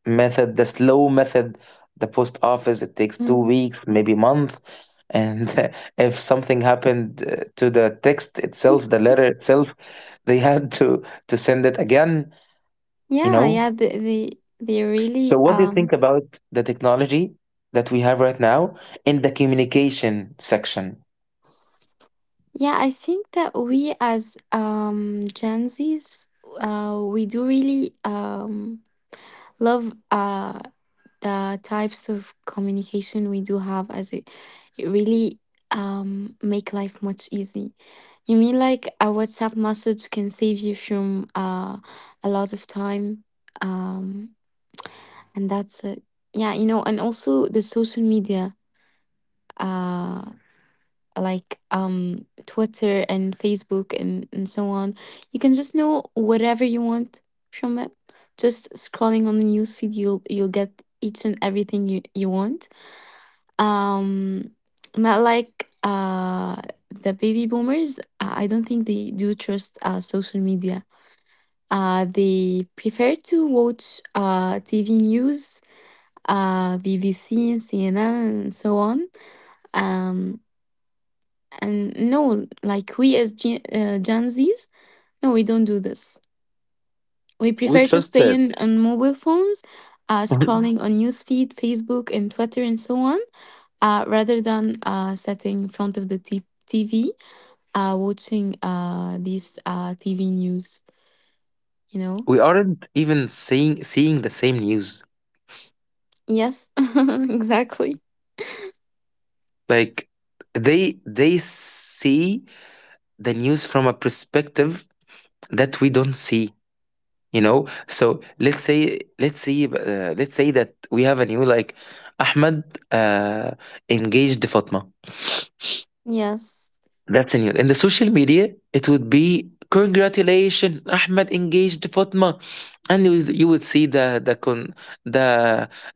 [SPEAKER 2] method, the slow method, the post office. It takes two
[SPEAKER 1] Mm.
[SPEAKER 2] weeks maybe month, and [LAUGHS] if something happened to the text itself, the letter itself, they [LAUGHS] had to send it again, you
[SPEAKER 1] Yeah,
[SPEAKER 2] know.
[SPEAKER 1] yeah, they
[SPEAKER 2] So
[SPEAKER 1] really,
[SPEAKER 2] what do you think about the technology that we have right now in the communication section?
[SPEAKER 1] yeah, I think that we as Gen Zs we do really love the types of communication we do have, as it really make life much easy. You mean, like, a WhatsApp message can save you from a lot of time, um and that's it. Yeah, and also the social media, uh like, Twitter and Facebook and so on. You can just know whatever you want from it. Just scrolling on the news feed, you'll get each and everything you want. um Not like the baby boomers. I don't think they do trust social media. They prefer to watch TV news, BBC and CNN and so on. um and no, like, we as Gen Z's, no, we don't do this. We
[SPEAKER 2] We
[SPEAKER 1] prefer to
[SPEAKER 2] trust
[SPEAKER 1] stay
[SPEAKER 2] that.
[SPEAKER 1] in on mobile phones,
[SPEAKER 2] [LAUGHS]
[SPEAKER 1] scrolling on newsfeed, Facebook, and Twitter, and so on, rather than sitting in front of the TV, watching these TV news, you know?
[SPEAKER 2] We aren't even seeing the same news.
[SPEAKER 1] Yes, [LAUGHS] exactly.
[SPEAKER 2] Like they see the news from a perspective that we don't see. You know. So let's say that we have a new like Ahmed uh, engaged Fatma.
[SPEAKER 1] Yes.
[SPEAKER 2] That's a new. In the social media, it would be congratulations, Ahmed engaged Fatma, and you would see the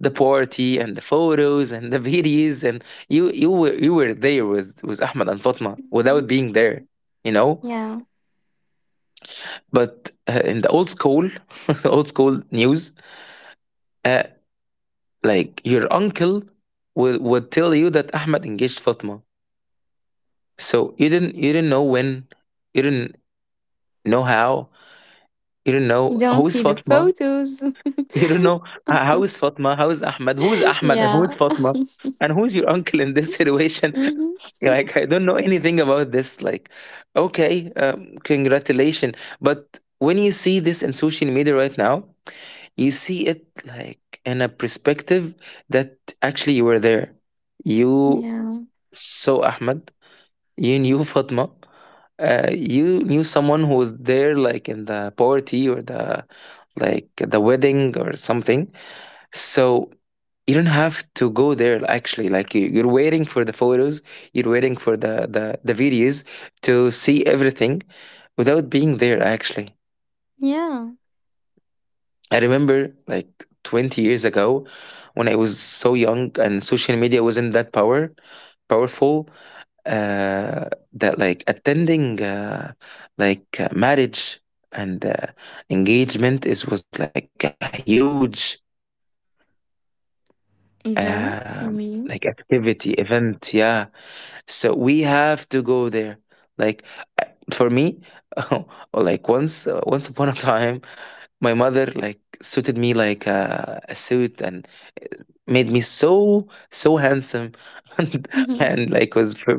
[SPEAKER 2] the party and the photos and the [LAUGHS] videos, and you were you were there with Ahmed and Fatma
[SPEAKER 1] Mhm.
[SPEAKER 2] without being there, you know.
[SPEAKER 1] Yeah.
[SPEAKER 2] But in the old school, [LAUGHS] old school news, uh, like your uncle would tell you that Ahmed engaged Fatma. So you didn't know when, you didn't know how. You don't
[SPEAKER 1] You
[SPEAKER 2] know
[SPEAKER 1] don't
[SPEAKER 2] who is
[SPEAKER 1] see the
[SPEAKER 2] Fatma?
[SPEAKER 1] photos.
[SPEAKER 2] You don't know h how is Fatma? How is Ahmed? Who is
[SPEAKER 1] [LAUGHS]
[SPEAKER 2] Ahmed and who
[SPEAKER 1] Yeah.
[SPEAKER 2] is Fatma?
[SPEAKER 1] [LAUGHS]
[SPEAKER 2] And who is your [LAUGHS] uncle in this situation?
[SPEAKER 1] Hmm.
[SPEAKER 2] [LAUGHS] You're like, "I don't know anything about this." Like, okay, um, congratulation. But when you see this in social media right now, you see it like in a perspective that actually you were there. You
[SPEAKER 1] Yeah.
[SPEAKER 2] saw Ahmed, you knew Fatma, uh, you knew someone who was there like in the poverty or the like the wedding or something. So you don't have to go there actually, like you're waiting for the photos, you're waiting for the videos, to see everything without being there actually.
[SPEAKER 1] Yeah.
[SPEAKER 2] I remember like 20 years ago, when I was so young and social media wasn't that powerful, uh that like attending marriage and engagement is was like a huge, um, like
[SPEAKER 1] Events, you
[SPEAKER 2] activity,
[SPEAKER 1] mean? [LAUGHS]
[SPEAKER 2] event. Yeah. So we have to go there. Like, uh, for me, [LAUGHS] like once, once upon a time, my mother like suited me like a suit and made me so so handsome [LAUGHS] and, and like
[SPEAKER 1] Mhm.
[SPEAKER 2] was very.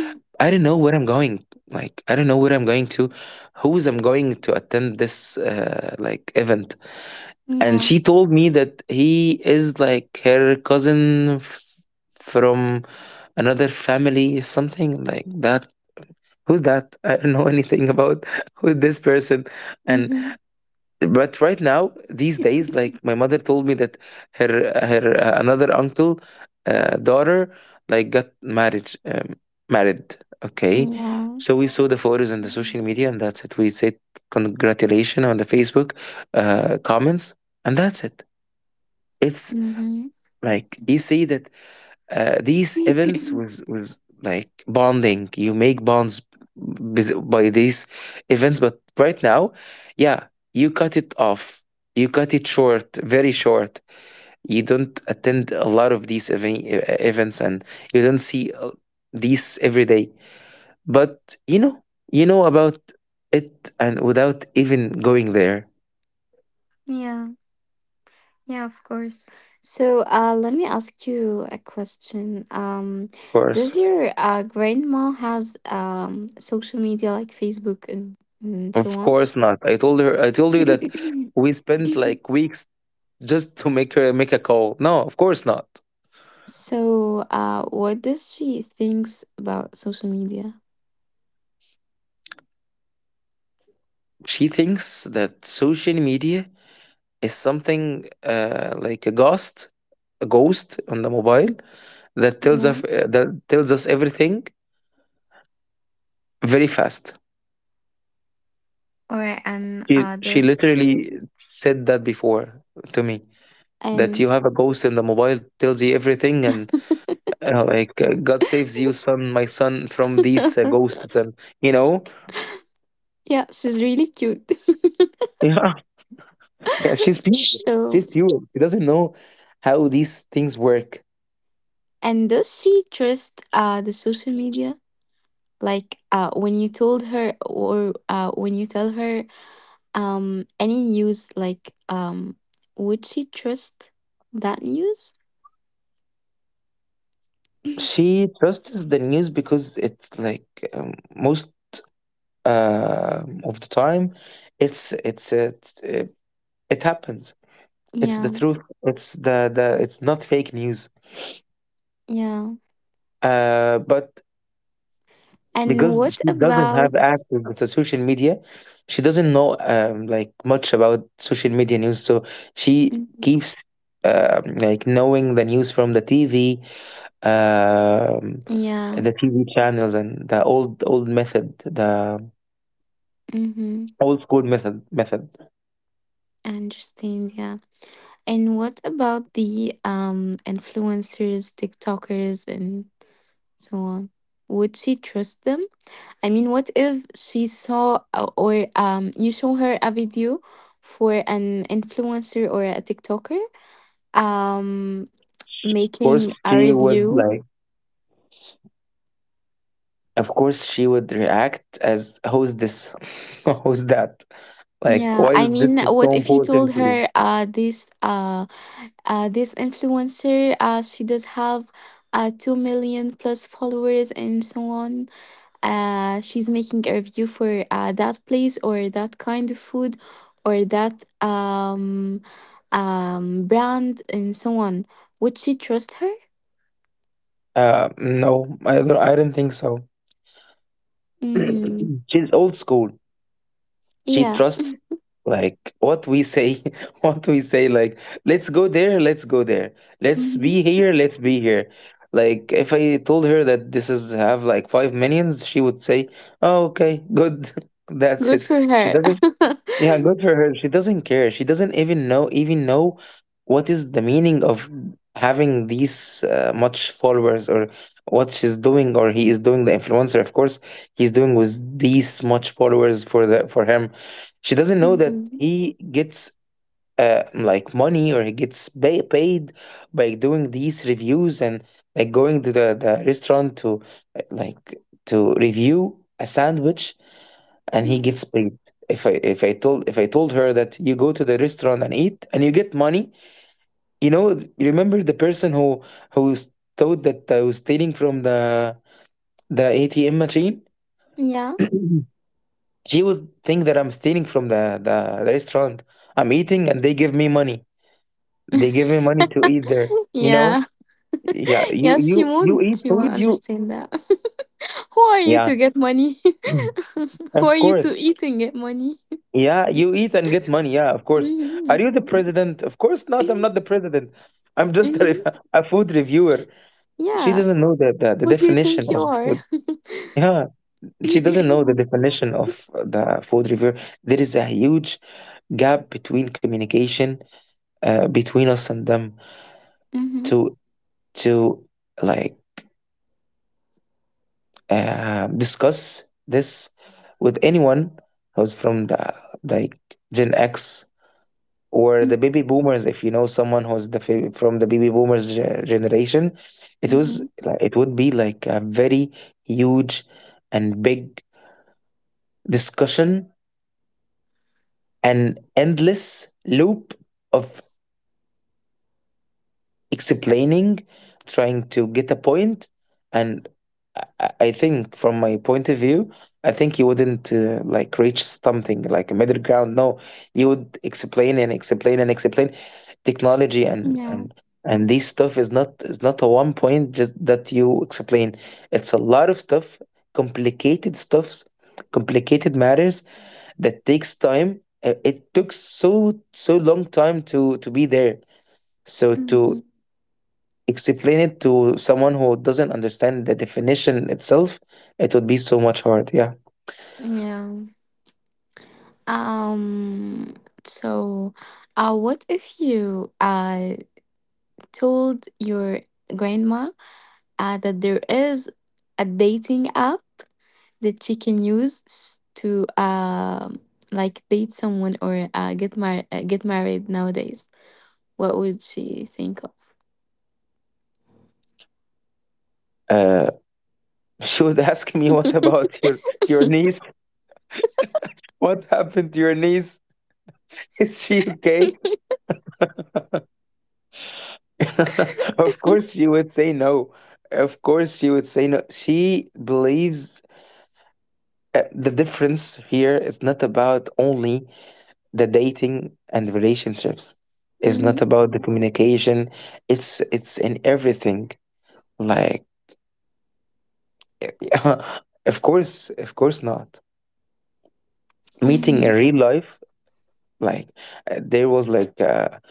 [SPEAKER 2] I don't know where I'm going, like I don't know where I'm going to, who's I'm going to attend this like event. And
[SPEAKER 1] Yeah.
[SPEAKER 2] she told me that he is like her cousin from another family, something like that. Who's that? [LAUGHS] I don't know anything about [LAUGHS] who this person. And
[SPEAKER 1] Mm-hmm.
[SPEAKER 2] but right now, these days, like my mother told me that her her another uncle daughter like got married married. Okay,
[SPEAKER 1] Yeah.
[SPEAKER 2] so we saw the photos on the social media, and that's it. We said congratulations on the Facebook comments, and that's it. It's
[SPEAKER 1] Mm-hmm.
[SPEAKER 2] like you see that these events
[SPEAKER 1] [LAUGHS]
[SPEAKER 2] was like bonding. You make bonds by these events, but right now, yeah, you cut it off. You cut it short, very short. You don't attend a lot of these events, and you don't see these every day. But you know, you know about it, and without even going there, of
[SPEAKER 1] [CLEARS THROAT] Yeah. Yeah, of course. So, let me ask you a question.
[SPEAKER 2] course.
[SPEAKER 1] Does your grandma has social media like Facebook and so
[SPEAKER 2] Of
[SPEAKER 1] on?
[SPEAKER 2] course not. I told her, I told you that
[SPEAKER 1] [COUGHS]
[SPEAKER 2] we spent like weeks just to make her make a call. No, of course not.
[SPEAKER 1] So, what does she thinks about social media?
[SPEAKER 2] She thinks that social media is something like a ghost on the mobile that tells us,
[SPEAKER 1] Well,
[SPEAKER 2] that tells us everything very fast.
[SPEAKER 1] or, and
[SPEAKER 2] She she
[SPEAKER 1] does she,
[SPEAKER 2] literally said that before to me, that
[SPEAKER 1] and
[SPEAKER 2] you have a ghost in the mobile tells you everything. And God saves you, son, my son, from these
[SPEAKER 1] [LAUGHS]
[SPEAKER 2] ghosts, and you know.
[SPEAKER 1] yeah, she's really cute. [LAUGHS]
[SPEAKER 2] [LAUGHS] Yeah. Yeah, she's pure.
[SPEAKER 1] So.
[SPEAKER 2] She's pure. She doesn't know how these things work.
[SPEAKER 1] And does she trust the social media? Like, when you told her, or when you tell her, any news, like, would she trust that news? [CLEARS THROAT]
[SPEAKER 2] She trusts the news because it's like most of the time, it's it happens. It's the
[SPEAKER 1] Yeah,
[SPEAKER 2] truth. It's the the. It's not fake news.
[SPEAKER 1] yeah.
[SPEAKER 2] But
[SPEAKER 1] And
[SPEAKER 2] because
[SPEAKER 1] what
[SPEAKER 2] she doesn't
[SPEAKER 1] about?
[SPEAKER 2] have access to social media, she doesn't know like much about social media news. So she
[SPEAKER 1] Mhm.
[SPEAKER 2] keeps like knowing the news from the TV, um,
[SPEAKER 1] Yeah,
[SPEAKER 2] the TV channels, and the old method, the
[SPEAKER 1] mm-hmm.
[SPEAKER 2] old school method.
[SPEAKER 1] I understand. Yeah. And what about the influencers, TikTokers, and so on? Would she trust them? I mean, what if she saw, or you show her a video for an influencer or a TikToker, um,
[SPEAKER 2] Of
[SPEAKER 1] making
[SPEAKER 2] course,
[SPEAKER 1] a
[SPEAKER 2] she would
[SPEAKER 1] review?
[SPEAKER 2] like. Of course, she would react as who's this, [LAUGHS] who's that? Like,
[SPEAKER 1] Yeah,
[SPEAKER 2] why
[SPEAKER 1] I
[SPEAKER 2] is this
[SPEAKER 1] mean, what
[SPEAKER 2] so
[SPEAKER 1] if you
[SPEAKER 2] important
[SPEAKER 1] told
[SPEAKER 2] to you?
[SPEAKER 1] her, this influencer, she does have 2 million plus followers and so on, she's making a review for that place or that kind of food, or that brand and so on. Would she trust her?
[SPEAKER 2] No, I don't. I don't think so.
[SPEAKER 1] Mm-hmm.
[SPEAKER 2] [CLEARS THROAT] She's old school. She
[SPEAKER 1] Yeah.
[SPEAKER 2] trusts like what we say, [LAUGHS] what we say, like let's go there, let's
[SPEAKER 1] Mm-hmm.
[SPEAKER 2] be here, like if I told her that this is have like five minions, she would say oh okay good, [LAUGHS] that's
[SPEAKER 1] Good
[SPEAKER 2] it.
[SPEAKER 1] for
[SPEAKER 2] She
[SPEAKER 1] her.
[SPEAKER 2] doesn't— yeah,
[SPEAKER 1] [LAUGHS]
[SPEAKER 2] good for her. She doesn't care. She doesn't even know what is the meaning of having these much followers, or what she's doing or he is doing, the influencer. Of course, he's doing with these much followers for the for him. She doesn't know that
[SPEAKER 1] Mhm.
[SPEAKER 2] he gets like money, or he gets paid by doing these reviews and like going to the restaurant to like to review a sandwich and he gets paid. If I told her that you go to the restaurant and eat and you get money. You remember the person who who s- thought that I was stealing from the ATM machine.
[SPEAKER 1] Yeah.
[SPEAKER 2] [CLEARS THROAT] She would think that I'm stealing from the restaurant, I'm eating and they give me money. They give me money to eat there.
[SPEAKER 1] Yeah. [LAUGHS]
[SPEAKER 2] Yeah,
[SPEAKER 1] Yeah, she
[SPEAKER 2] you
[SPEAKER 1] won't.
[SPEAKER 2] eat
[SPEAKER 1] She
[SPEAKER 2] food.
[SPEAKER 1] won't
[SPEAKER 2] You.
[SPEAKER 1] understand that. [LAUGHS] Who are you
[SPEAKER 2] Yeah.
[SPEAKER 1] to get money?
[SPEAKER 2] [CLEARS THROAT]
[SPEAKER 1] [LAUGHS] Who
[SPEAKER 2] Of
[SPEAKER 1] are you
[SPEAKER 2] course.
[SPEAKER 1] to eat and get money?
[SPEAKER 2] Yeah, you eat and get money. Yeah, of
[SPEAKER 1] [LAUGHS]
[SPEAKER 2] course. Are
[SPEAKER 1] Hmm.
[SPEAKER 2] you the president? Of course not. I'm not the president. I'm just
[SPEAKER 1] Hmm.
[SPEAKER 2] [LAUGHS] a food reviewer. She
[SPEAKER 1] Yeah.
[SPEAKER 2] doesn't know the
[SPEAKER 1] Who do you think
[SPEAKER 2] definition
[SPEAKER 1] you
[SPEAKER 2] of
[SPEAKER 1] are?
[SPEAKER 2] food. Yeah, she doesn't know the
[SPEAKER 1] [COUGHS] [CLEARS THROAT]
[SPEAKER 2] definition of the food reviewer. There is a huge gap between communication, between us and them,
[SPEAKER 1] Mhm.
[SPEAKER 2] to to like discuss this with anyone who's from the, like, Gen X or
[SPEAKER 1] Mhm.
[SPEAKER 2] the baby boomers. If you know someone who's from the baby boomers generation,
[SPEAKER 1] Mhm.
[SPEAKER 2] it would be like a very huge and big discussion, and endless loop of explaining, trying to get a point. And I think, from my point of view, I think you wouldn't like reach something like a middle ground. No, you would explain and explain and explain technology, and
[SPEAKER 1] Yeah.
[SPEAKER 2] and and this stuff is not a one point just that you explain. It's a lot of stuff, complicated stuffs, complicated matters that takes time. It took so long time to be there. So to
[SPEAKER 1] Mhm.
[SPEAKER 2] explain it to someone who doesn't understand the definition itself, it would be so much hard. Yeah.
[SPEAKER 1] Yeah. Um. So, what if you told your grandma that there is a dating app that she can use to like date someone, or get married nowadays? What would she think of?
[SPEAKER 2] Uh, [LAUGHS] she would ask me, "What about your niece? What happened to your niece? [LAUGHS] Is she okay?" [LAUGHS] Of course, she would say no. Of course, she would say no. She believes the difference here is not about only the dating and relationships. It's not
[SPEAKER 1] Mhm.
[SPEAKER 2] about the communication. It's in everything. Like [LAUGHS] of course not. Meeting in
[SPEAKER 1] Mhm.
[SPEAKER 2] real life, like there was like a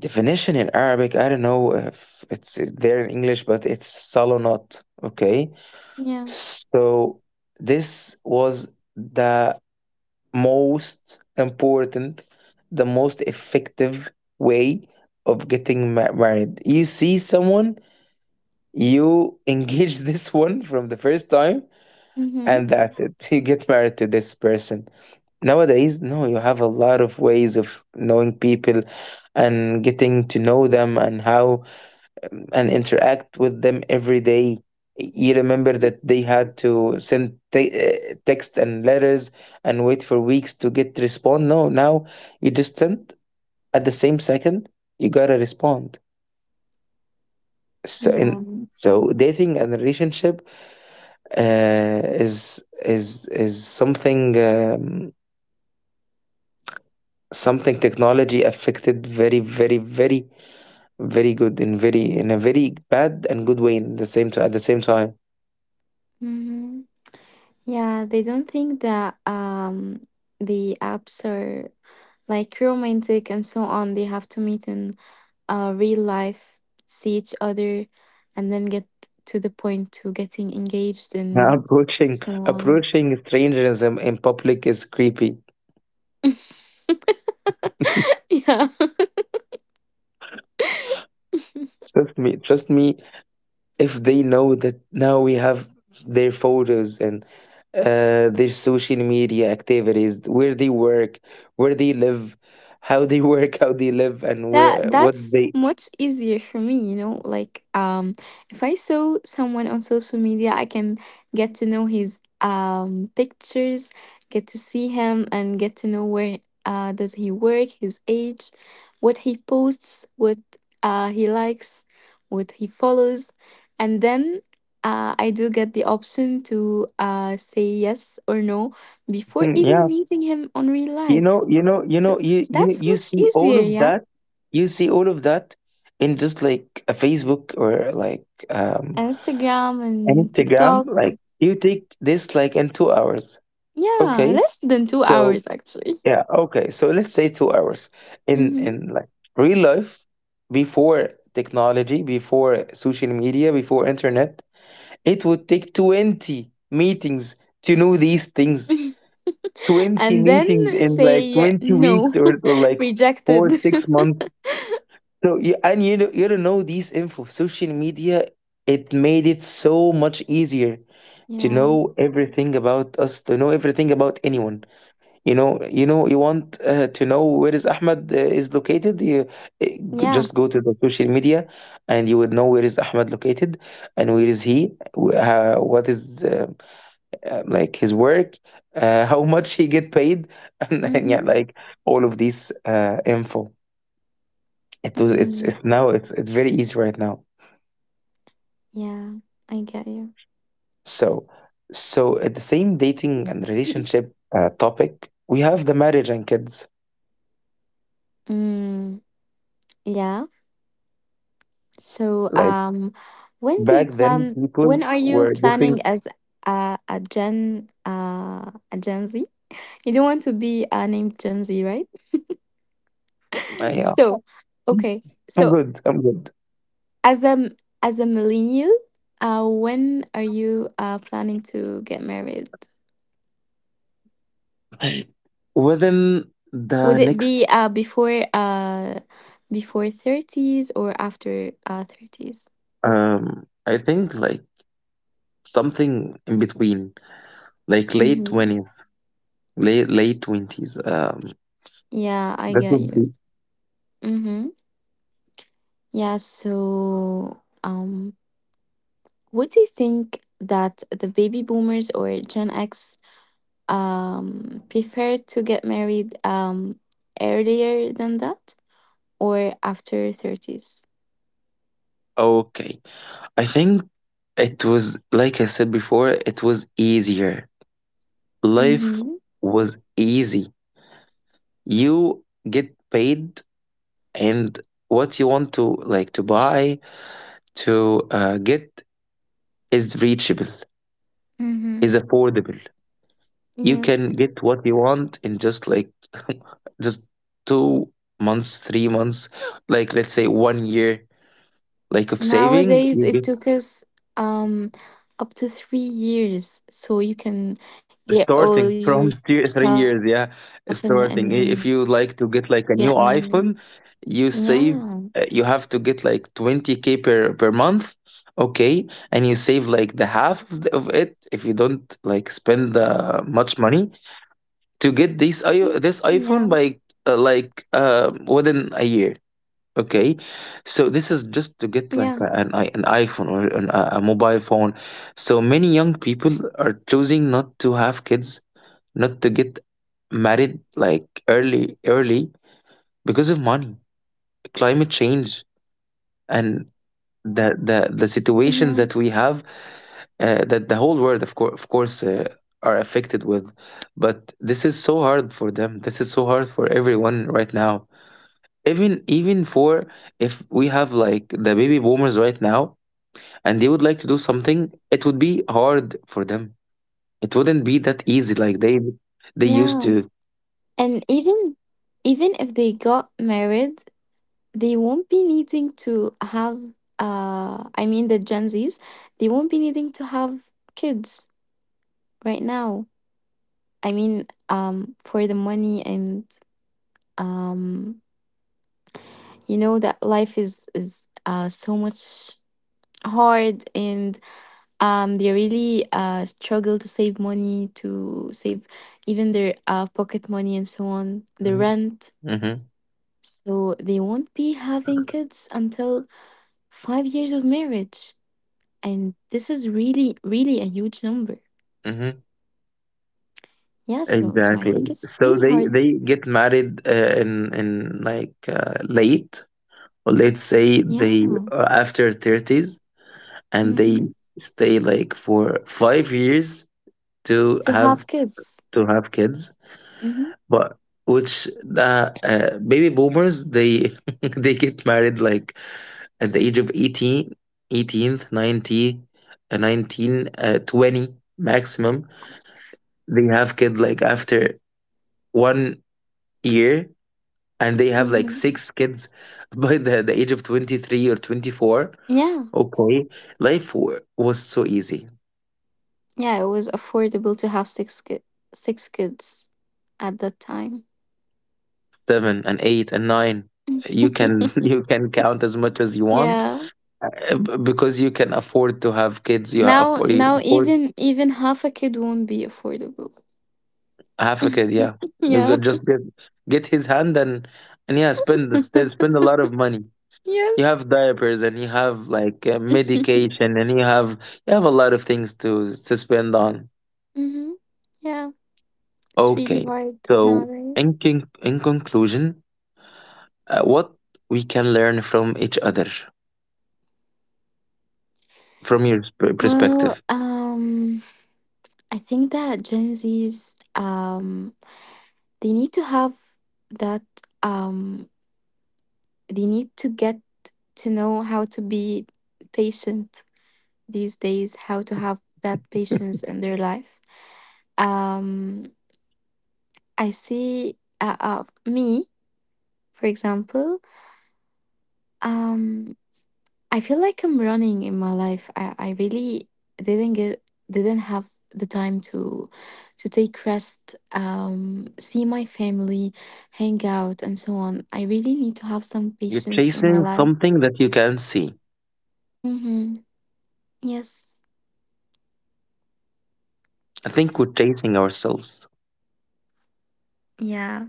[SPEAKER 2] definition in Arabic. I don't know if it's there in English, but it's salonat. Okay,
[SPEAKER 1] Yeah.
[SPEAKER 2] so this was the most important, the most effective way of getting married. You see someone, you engage [LAUGHS] this one from the first time,
[SPEAKER 1] Mhm.
[SPEAKER 2] and that's it. You get married to this person. Nowadays, no, you have a lot of ways of knowing people and getting to know them, and how, and interact with them every day. You remember that they had to send text and letters and wait for weeks to get respond. No, now you just send at the same second, you gotta respond. So
[SPEAKER 1] Yeah.
[SPEAKER 2] in so dating and relationship uh, is something. Something technology affected very, very, very, very good in a very bad and good way in the same t at the same time. [LAUGHS]
[SPEAKER 1] Mhm. Yeah, they don't think that the apps are like romantic and so on. They have to meet in real life, see each other, and then get to the point to getting engaged
[SPEAKER 2] Yeah,
[SPEAKER 1] and so on.
[SPEAKER 2] approaching strangers in public is creepy.
[SPEAKER 1] [LAUGHS] Yeah. [LAUGHS]
[SPEAKER 2] Trust me, if they know that now we have their photos and their social media activities, where they work, where they live, how they [LAUGHS] work, how they live, and
[SPEAKER 1] That
[SPEAKER 2] where what
[SPEAKER 1] that's
[SPEAKER 2] they.
[SPEAKER 1] much easier for me. Like, if I saw someone on social media, I can get to know his pictures, get to see him, and get to know where does he work, his age, what he posts, what he likes, what he follows, and then I do get the option to say yes or no before
[SPEAKER 2] Mm, yeah,
[SPEAKER 1] even meeting him on real life. So that's
[SPEAKER 2] you
[SPEAKER 1] much
[SPEAKER 2] see all
[SPEAKER 1] easier,
[SPEAKER 2] of
[SPEAKER 1] yeah.
[SPEAKER 2] that, you see all of that in just like a Facebook or like um
[SPEAKER 1] Instagram
[SPEAKER 2] an
[SPEAKER 1] and
[SPEAKER 2] Instagram,
[SPEAKER 1] TikTok.
[SPEAKER 2] like you take this like in 2 hours.
[SPEAKER 1] Yeah,
[SPEAKER 2] Okay,
[SPEAKER 1] less than two
[SPEAKER 2] so
[SPEAKER 1] hours actually.
[SPEAKER 2] yeah, okay, so let's say 2 hours. In
[SPEAKER 1] Hmm.
[SPEAKER 2] like real life, before technology, before social media, before internet, it would take 20 meetings to know these things.
[SPEAKER 1] [LAUGHS]
[SPEAKER 2] 20
[SPEAKER 1] And
[SPEAKER 2] meetings
[SPEAKER 1] then
[SPEAKER 2] in like
[SPEAKER 1] say
[SPEAKER 2] 20 weeks
[SPEAKER 1] no,
[SPEAKER 2] or
[SPEAKER 1] [LAUGHS]
[SPEAKER 2] like four
[SPEAKER 1] rejected.
[SPEAKER 2] six months So you, and you know you don't know these info. Social media, it made it so much easier,
[SPEAKER 1] [LAUGHS]
[SPEAKER 2] to
[SPEAKER 1] Yeah,
[SPEAKER 2] know everything about us, to know everything about anyone. You want to know where is Ahmed, is located, you
[SPEAKER 1] yeah.
[SPEAKER 2] just go to the social media and you would know where is Ahmed located, and where is he, what is, like, his work, [LAUGHS] how much he get paid, [LAUGHS] and yeah,
[SPEAKER 1] Mm-hmm.
[SPEAKER 2] like all of these info. It was it's
[SPEAKER 1] Mm-hmm.
[SPEAKER 2] it's now it's very easy right now.
[SPEAKER 1] Yeah, I get you.
[SPEAKER 2] So so at the same dating and
[SPEAKER 1] [LAUGHS]
[SPEAKER 2] relationship topic, we have the marriage and kids.
[SPEAKER 1] [CLEARS THROAT] Mm, yeah. So,
[SPEAKER 2] Like
[SPEAKER 1] when do you
[SPEAKER 2] back then,
[SPEAKER 1] plan?
[SPEAKER 2] people
[SPEAKER 1] When are you
[SPEAKER 2] were
[SPEAKER 1] planning
[SPEAKER 2] getting,
[SPEAKER 1] as a Gen Z? You don't want to be named Gen Z, right? [LAUGHS]
[SPEAKER 2] yeah.
[SPEAKER 1] So, okay.
[SPEAKER 2] I'm
[SPEAKER 1] So,
[SPEAKER 2] good. I'm good.
[SPEAKER 1] As a as a millennial, when are you planning to get married?
[SPEAKER 2] Within the
[SPEAKER 1] Would it
[SPEAKER 2] next,
[SPEAKER 1] be before thirties or after thirties?
[SPEAKER 2] I think like something in between, like late
[SPEAKER 1] Mm-hmm.
[SPEAKER 2] twenties. Late 20s,
[SPEAKER 1] Yeah, I
[SPEAKER 2] that
[SPEAKER 1] get
[SPEAKER 2] would
[SPEAKER 1] you.
[SPEAKER 2] be
[SPEAKER 1] Mm-hmm. Yeah, so, um what do you think that the baby boomers or Gen X prefer to get married earlier than that, or after 30s?
[SPEAKER 2] okay. I think it was like I said before, it was easier. Life
[SPEAKER 1] Mm-hmm.
[SPEAKER 2] was easy. You get paid, and what you want to like to buy, to get, is reachable, is affordable. You can
[SPEAKER 1] Yes.
[SPEAKER 2] get what you want in just like [LAUGHS] just 2 months, 3 months, like let's say one year like of saving,
[SPEAKER 1] Nowadays,
[SPEAKER 2] you
[SPEAKER 1] it
[SPEAKER 2] get,
[SPEAKER 1] took us um up to 3 years so you can get all your
[SPEAKER 2] starting
[SPEAKER 1] stuff and,
[SPEAKER 2] from [LAUGHS]
[SPEAKER 1] and
[SPEAKER 2] three
[SPEAKER 1] get
[SPEAKER 2] years,
[SPEAKER 1] married.
[SPEAKER 2] yeah. Starting, if
[SPEAKER 1] Yeah.
[SPEAKER 2] you like to get like a new iPhone, you save, you have to get like 20K per month, okay, and you save like the half of, the, of it, if you don't like spend much money
[SPEAKER 1] Yeah.
[SPEAKER 2] to get this iPhone by, like, within a year, okay.
[SPEAKER 1] Yeah.
[SPEAKER 2] So this is just to get like an iPhone, or an, a mobile phone. So many young people are choosing not to have kids, not to get married like early early, because of money, climate change, and
[SPEAKER 1] Yeah.
[SPEAKER 2] the situations that we have, that the whole world, of course, of course are affected with. But this is so hard for them, this is so hard for everyone right now, even for, if we have like the baby boomers right now and they would like to do something, it would be hard for them. It wouldn't be that easy like they used
[SPEAKER 1] Yeah.
[SPEAKER 2] to.
[SPEAKER 1] And even if they got married, they won't be needing to have, I mean, the Gen Zs, they won't be needing to have kids right now. I mean, for the money, and um you know that life is so much hard, and they really struggle to save money, to save even their pocket money and so on,
[SPEAKER 2] Hmm.
[SPEAKER 1] the rent, so they won't be having kids until 5 years of marriage, and this is really really a huge number.
[SPEAKER 2] Hmm.
[SPEAKER 1] Yeah, so I think it's
[SPEAKER 2] Exactly.
[SPEAKER 1] really
[SPEAKER 2] So
[SPEAKER 1] hard.
[SPEAKER 2] they get married, in like late, or let's say,
[SPEAKER 1] Yeah.
[SPEAKER 2] they after 30s, and
[SPEAKER 1] Mm-hmm.
[SPEAKER 2] they stay like for 5 years
[SPEAKER 1] To
[SPEAKER 2] to
[SPEAKER 1] have
[SPEAKER 2] have,
[SPEAKER 1] kids.
[SPEAKER 2] kids.
[SPEAKER 1] Mm-hmm.
[SPEAKER 2] But which the baby boomers, they [LAUGHS] they get married like at the age of 18, 18th, 90, 19, 20 maximum. They have kids like after one year, and they have like
[SPEAKER 1] Mm-hmm.
[SPEAKER 2] six kids [LAUGHS] by the age of 23 or 24,
[SPEAKER 1] Yeah.
[SPEAKER 2] okay. Life was so easy.
[SPEAKER 1] Yeah, it was affordable to have six kids at that time.
[SPEAKER 2] Seven and eight and nine,
[SPEAKER 1] Mm.
[SPEAKER 2] you can [LAUGHS] you can count as much as you want,
[SPEAKER 1] Yeah.
[SPEAKER 2] because you can afford to have kids. You have
[SPEAKER 1] Now
[SPEAKER 2] you
[SPEAKER 1] now
[SPEAKER 2] afford
[SPEAKER 1] even half a kid won't be affordable. [LAUGHS]
[SPEAKER 2] half a kid, yeah. You
[SPEAKER 1] Yeah.
[SPEAKER 2] could just get his hand, and yeah, spend
[SPEAKER 1] [LAUGHS]
[SPEAKER 2] spend a lot of money. You
[SPEAKER 1] Yes.
[SPEAKER 2] have diapers, and you have like
[SPEAKER 1] [LAUGHS]
[SPEAKER 2] medication, and you have a lot of things to spend on.
[SPEAKER 1] Hmm. Yeah, it's really
[SPEAKER 2] Okay.
[SPEAKER 1] hard
[SPEAKER 2] So,
[SPEAKER 1] nowadays.
[SPEAKER 2] in in conclusion, what we can learn from each other, from your
[SPEAKER 1] Well,
[SPEAKER 2] perspective.
[SPEAKER 1] I think that Gen Zs, they need to have that, um, they need to get to know how to be patient these days, how to have that patience
[SPEAKER 2] [LAUGHS]
[SPEAKER 1] in their life. Um, I see, me, for example, um, I feel like I'm running in my life. I really didn't get didn't have the time to take rest, see my family, hang out, and so on. I really need to have some
[SPEAKER 2] You're
[SPEAKER 1] patience in my
[SPEAKER 2] chasing
[SPEAKER 1] life.
[SPEAKER 2] something that you can't see.
[SPEAKER 1] Mm-hmm. Yes.
[SPEAKER 2] I think we're chasing ourselves.
[SPEAKER 1] Yeah.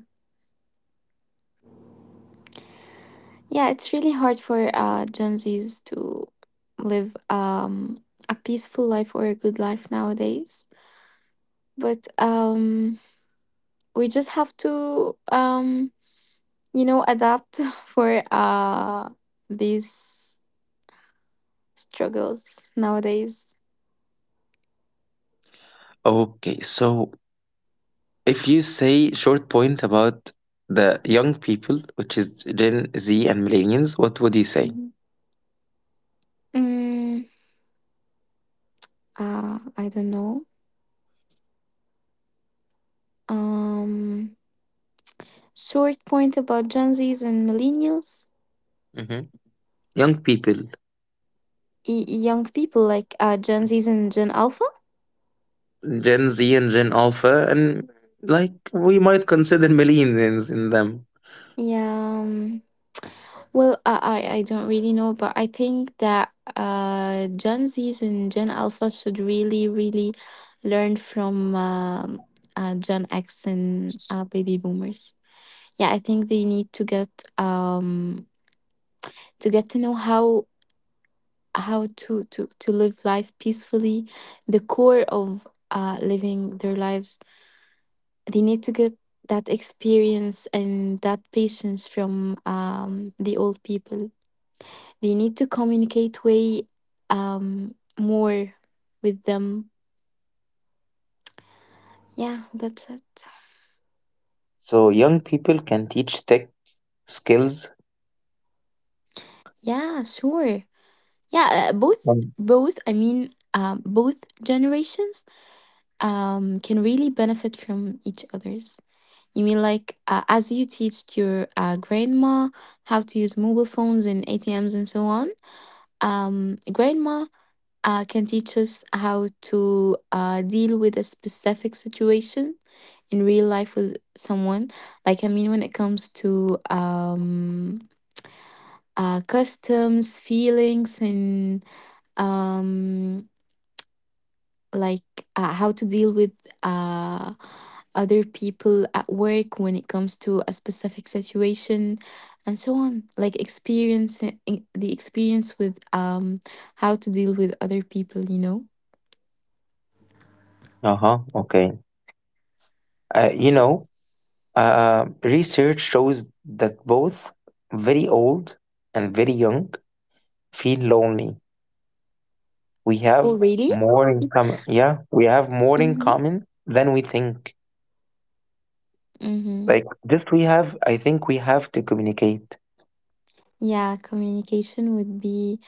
[SPEAKER 1] Yeah, it's really hard for Gen Zs to live, a peaceful life or a good life nowadays. But, we just have to, adapt [LAUGHS] for these struggles nowadays.
[SPEAKER 2] Okay, so if you say short point about the young people, which is Gen Z and millennials, what would you say?
[SPEAKER 1] Mhm. Mm, I don't know. Um, Short point about Gen Zs and millennials,
[SPEAKER 2] Hmm. Young people,
[SPEAKER 1] young people like Gen Zs and Gen Alpha.
[SPEAKER 2] Gen Z and Gen Alpha, and like we might consider millennials in them.
[SPEAKER 1] Yeah. Well, I don't really know, but I think that Gen Zs and Gen Alpha should really, really learn from Gen X and baby boomers. Yeah, I think they need um to get to know how to live life peacefully, the core of living their lives. They need to get that experience and that patience from the old people. They need to communicate way, more with them. Yeah, that's it.
[SPEAKER 2] So young people can teach tech skills.
[SPEAKER 1] Yeah, sure. Yeah, both
[SPEAKER 2] Uh
[SPEAKER 1] both I mean, both generations, can really benefit from each other's. You mean, like, as you teach your grandma how to use mobile phones and ATMs and so on, grandma, can teach us how to deal with a specific situation in real life with someone. Like, I mean, when it comes to customs, feelings, and, um, like, how to deal with uh, other people at work when it comes to a specific situation and so on, like, experience with, how to deal with other people.
[SPEAKER 2] huh. Okay. Uh, you
[SPEAKER 1] Yeah.
[SPEAKER 2] know, research shows that both very old and very young feel lonely. We
[SPEAKER 1] Oh,
[SPEAKER 2] have
[SPEAKER 1] really?
[SPEAKER 2] more in common. Yeah, we have more in
[SPEAKER 1] Mm-hmm.
[SPEAKER 2] common than we think.
[SPEAKER 1] Mm-hmm.
[SPEAKER 2] Like, just we have. I think we have to communicate.
[SPEAKER 1] Yeah, communication would be,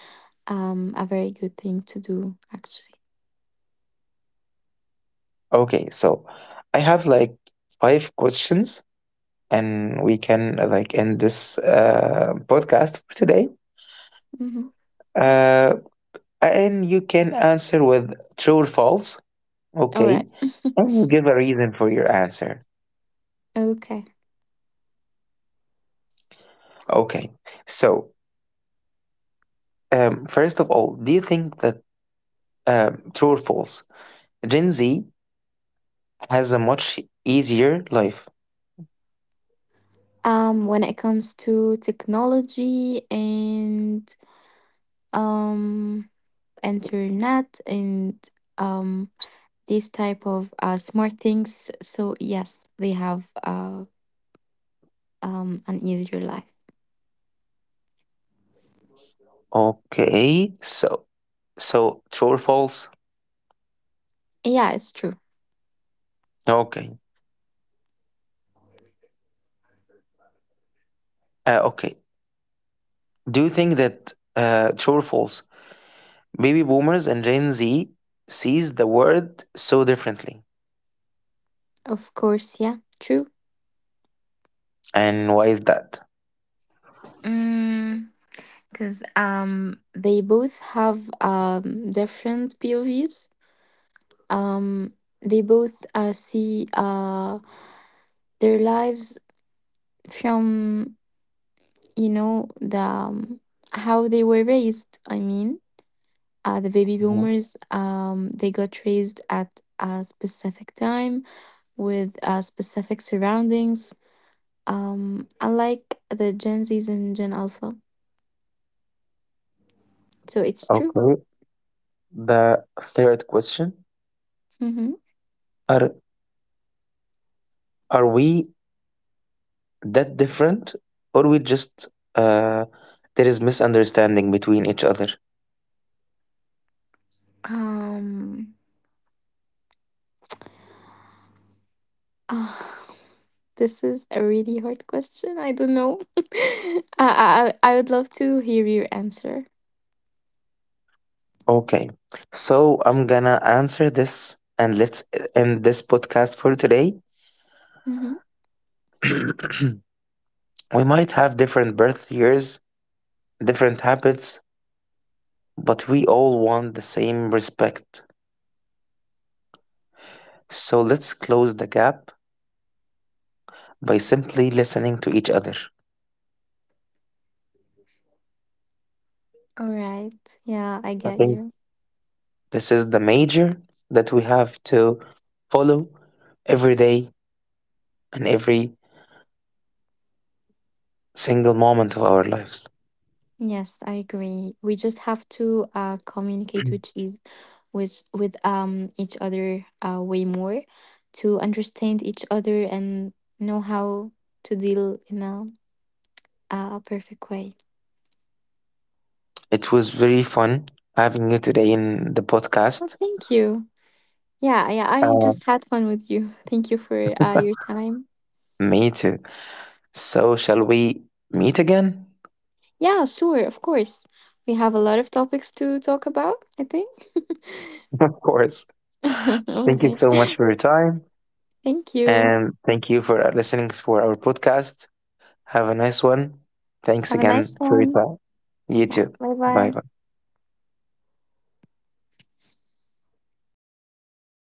[SPEAKER 1] a very good thing to do actually.
[SPEAKER 2] Okay. So I have like five questions and we can, like, end this podcast for today.
[SPEAKER 1] Mhm.
[SPEAKER 2] Uh, and you can answer with true or false.
[SPEAKER 1] All
[SPEAKER 2] Okay,
[SPEAKER 1] right.
[SPEAKER 2] and
[SPEAKER 1] [LAUGHS]
[SPEAKER 2] you give a reason for your answer.
[SPEAKER 1] Okay.
[SPEAKER 2] Okay, so, first of all, do you think that, true or false? Gen Z has a much easier life.
[SPEAKER 1] When it comes to technology, and um internet, and um these type of smart things, so yes, they have, an easier life.
[SPEAKER 2] Okay, so, true or false?
[SPEAKER 1] Yeah, it's true.
[SPEAKER 2] Okay. Okay. Do you think that, true or false? Baby boomers and Gen Z sees the world so differently,
[SPEAKER 1] Of course. Yeah, true.
[SPEAKER 2] and why is that?
[SPEAKER 1] Mm, because they both have different POVs. Um, they both see their lives from, the, how they were raised. I mean, the baby
[SPEAKER 2] Mhm.
[SPEAKER 1] boomers, they got raised at a specific time with specific surroundings. Unlike the Gen Zs and Gen Alpha, so it's true.
[SPEAKER 2] Okay. The third question:
[SPEAKER 1] Mm-hmm.
[SPEAKER 2] Are are we that different, or we just, uh, there is misunderstanding between each other?
[SPEAKER 1] Um, [SIGHS] Uh, this is a really hard question. I don't know. [LAUGHS] I would love to hear your answer.
[SPEAKER 2] Okay, so I'm gonna answer this and let's end this podcast for today.
[SPEAKER 1] Mm-hmm.
[SPEAKER 2] [CLEARS THROAT] We might have different birth years, different habits, but we all want the same respect. So let's close the gap by simply listening to each other.
[SPEAKER 1] All right. Yeah, I
[SPEAKER 2] I
[SPEAKER 1] get
[SPEAKER 2] think
[SPEAKER 1] you.
[SPEAKER 2] this is the major that we have to follow every day and every single moment of our lives.
[SPEAKER 1] Yes, I agree. We just have to communicate
[SPEAKER 2] [CLEARS THROAT]
[SPEAKER 1] with each other, way more to understand each other and know how to deal in a perfect way.
[SPEAKER 2] It was very fun having you today in the
[SPEAKER 1] Well,
[SPEAKER 2] podcast.
[SPEAKER 1] thank you. Yeah, yeah, I
[SPEAKER 2] Uh,
[SPEAKER 1] just had fun with you. [LAUGHS] Thank you for your time.
[SPEAKER 2] Me too. So, shall we meet again?
[SPEAKER 1] Yeah, sure, of course. We have a lot of topics to talk about, I think.
[SPEAKER 2] [LAUGHS] Of course.
[SPEAKER 1] [LAUGHS] All
[SPEAKER 2] Thank you
[SPEAKER 1] right.
[SPEAKER 2] so much for your time.
[SPEAKER 1] Thank you.
[SPEAKER 2] And thank you for listening for our podcast. Have a nice one. Thanks
[SPEAKER 1] Have a nice
[SPEAKER 2] again for your
[SPEAKER 1] one.
[SPEAKER 2] time. You
[SPEAKER 1] Yeah,
[SPEAKER 2] too.
[SPEAKER 1] bye
[SPEAKER 2] Bye
[SPEAKER 1] bye.
[SPEAKER 2] bye.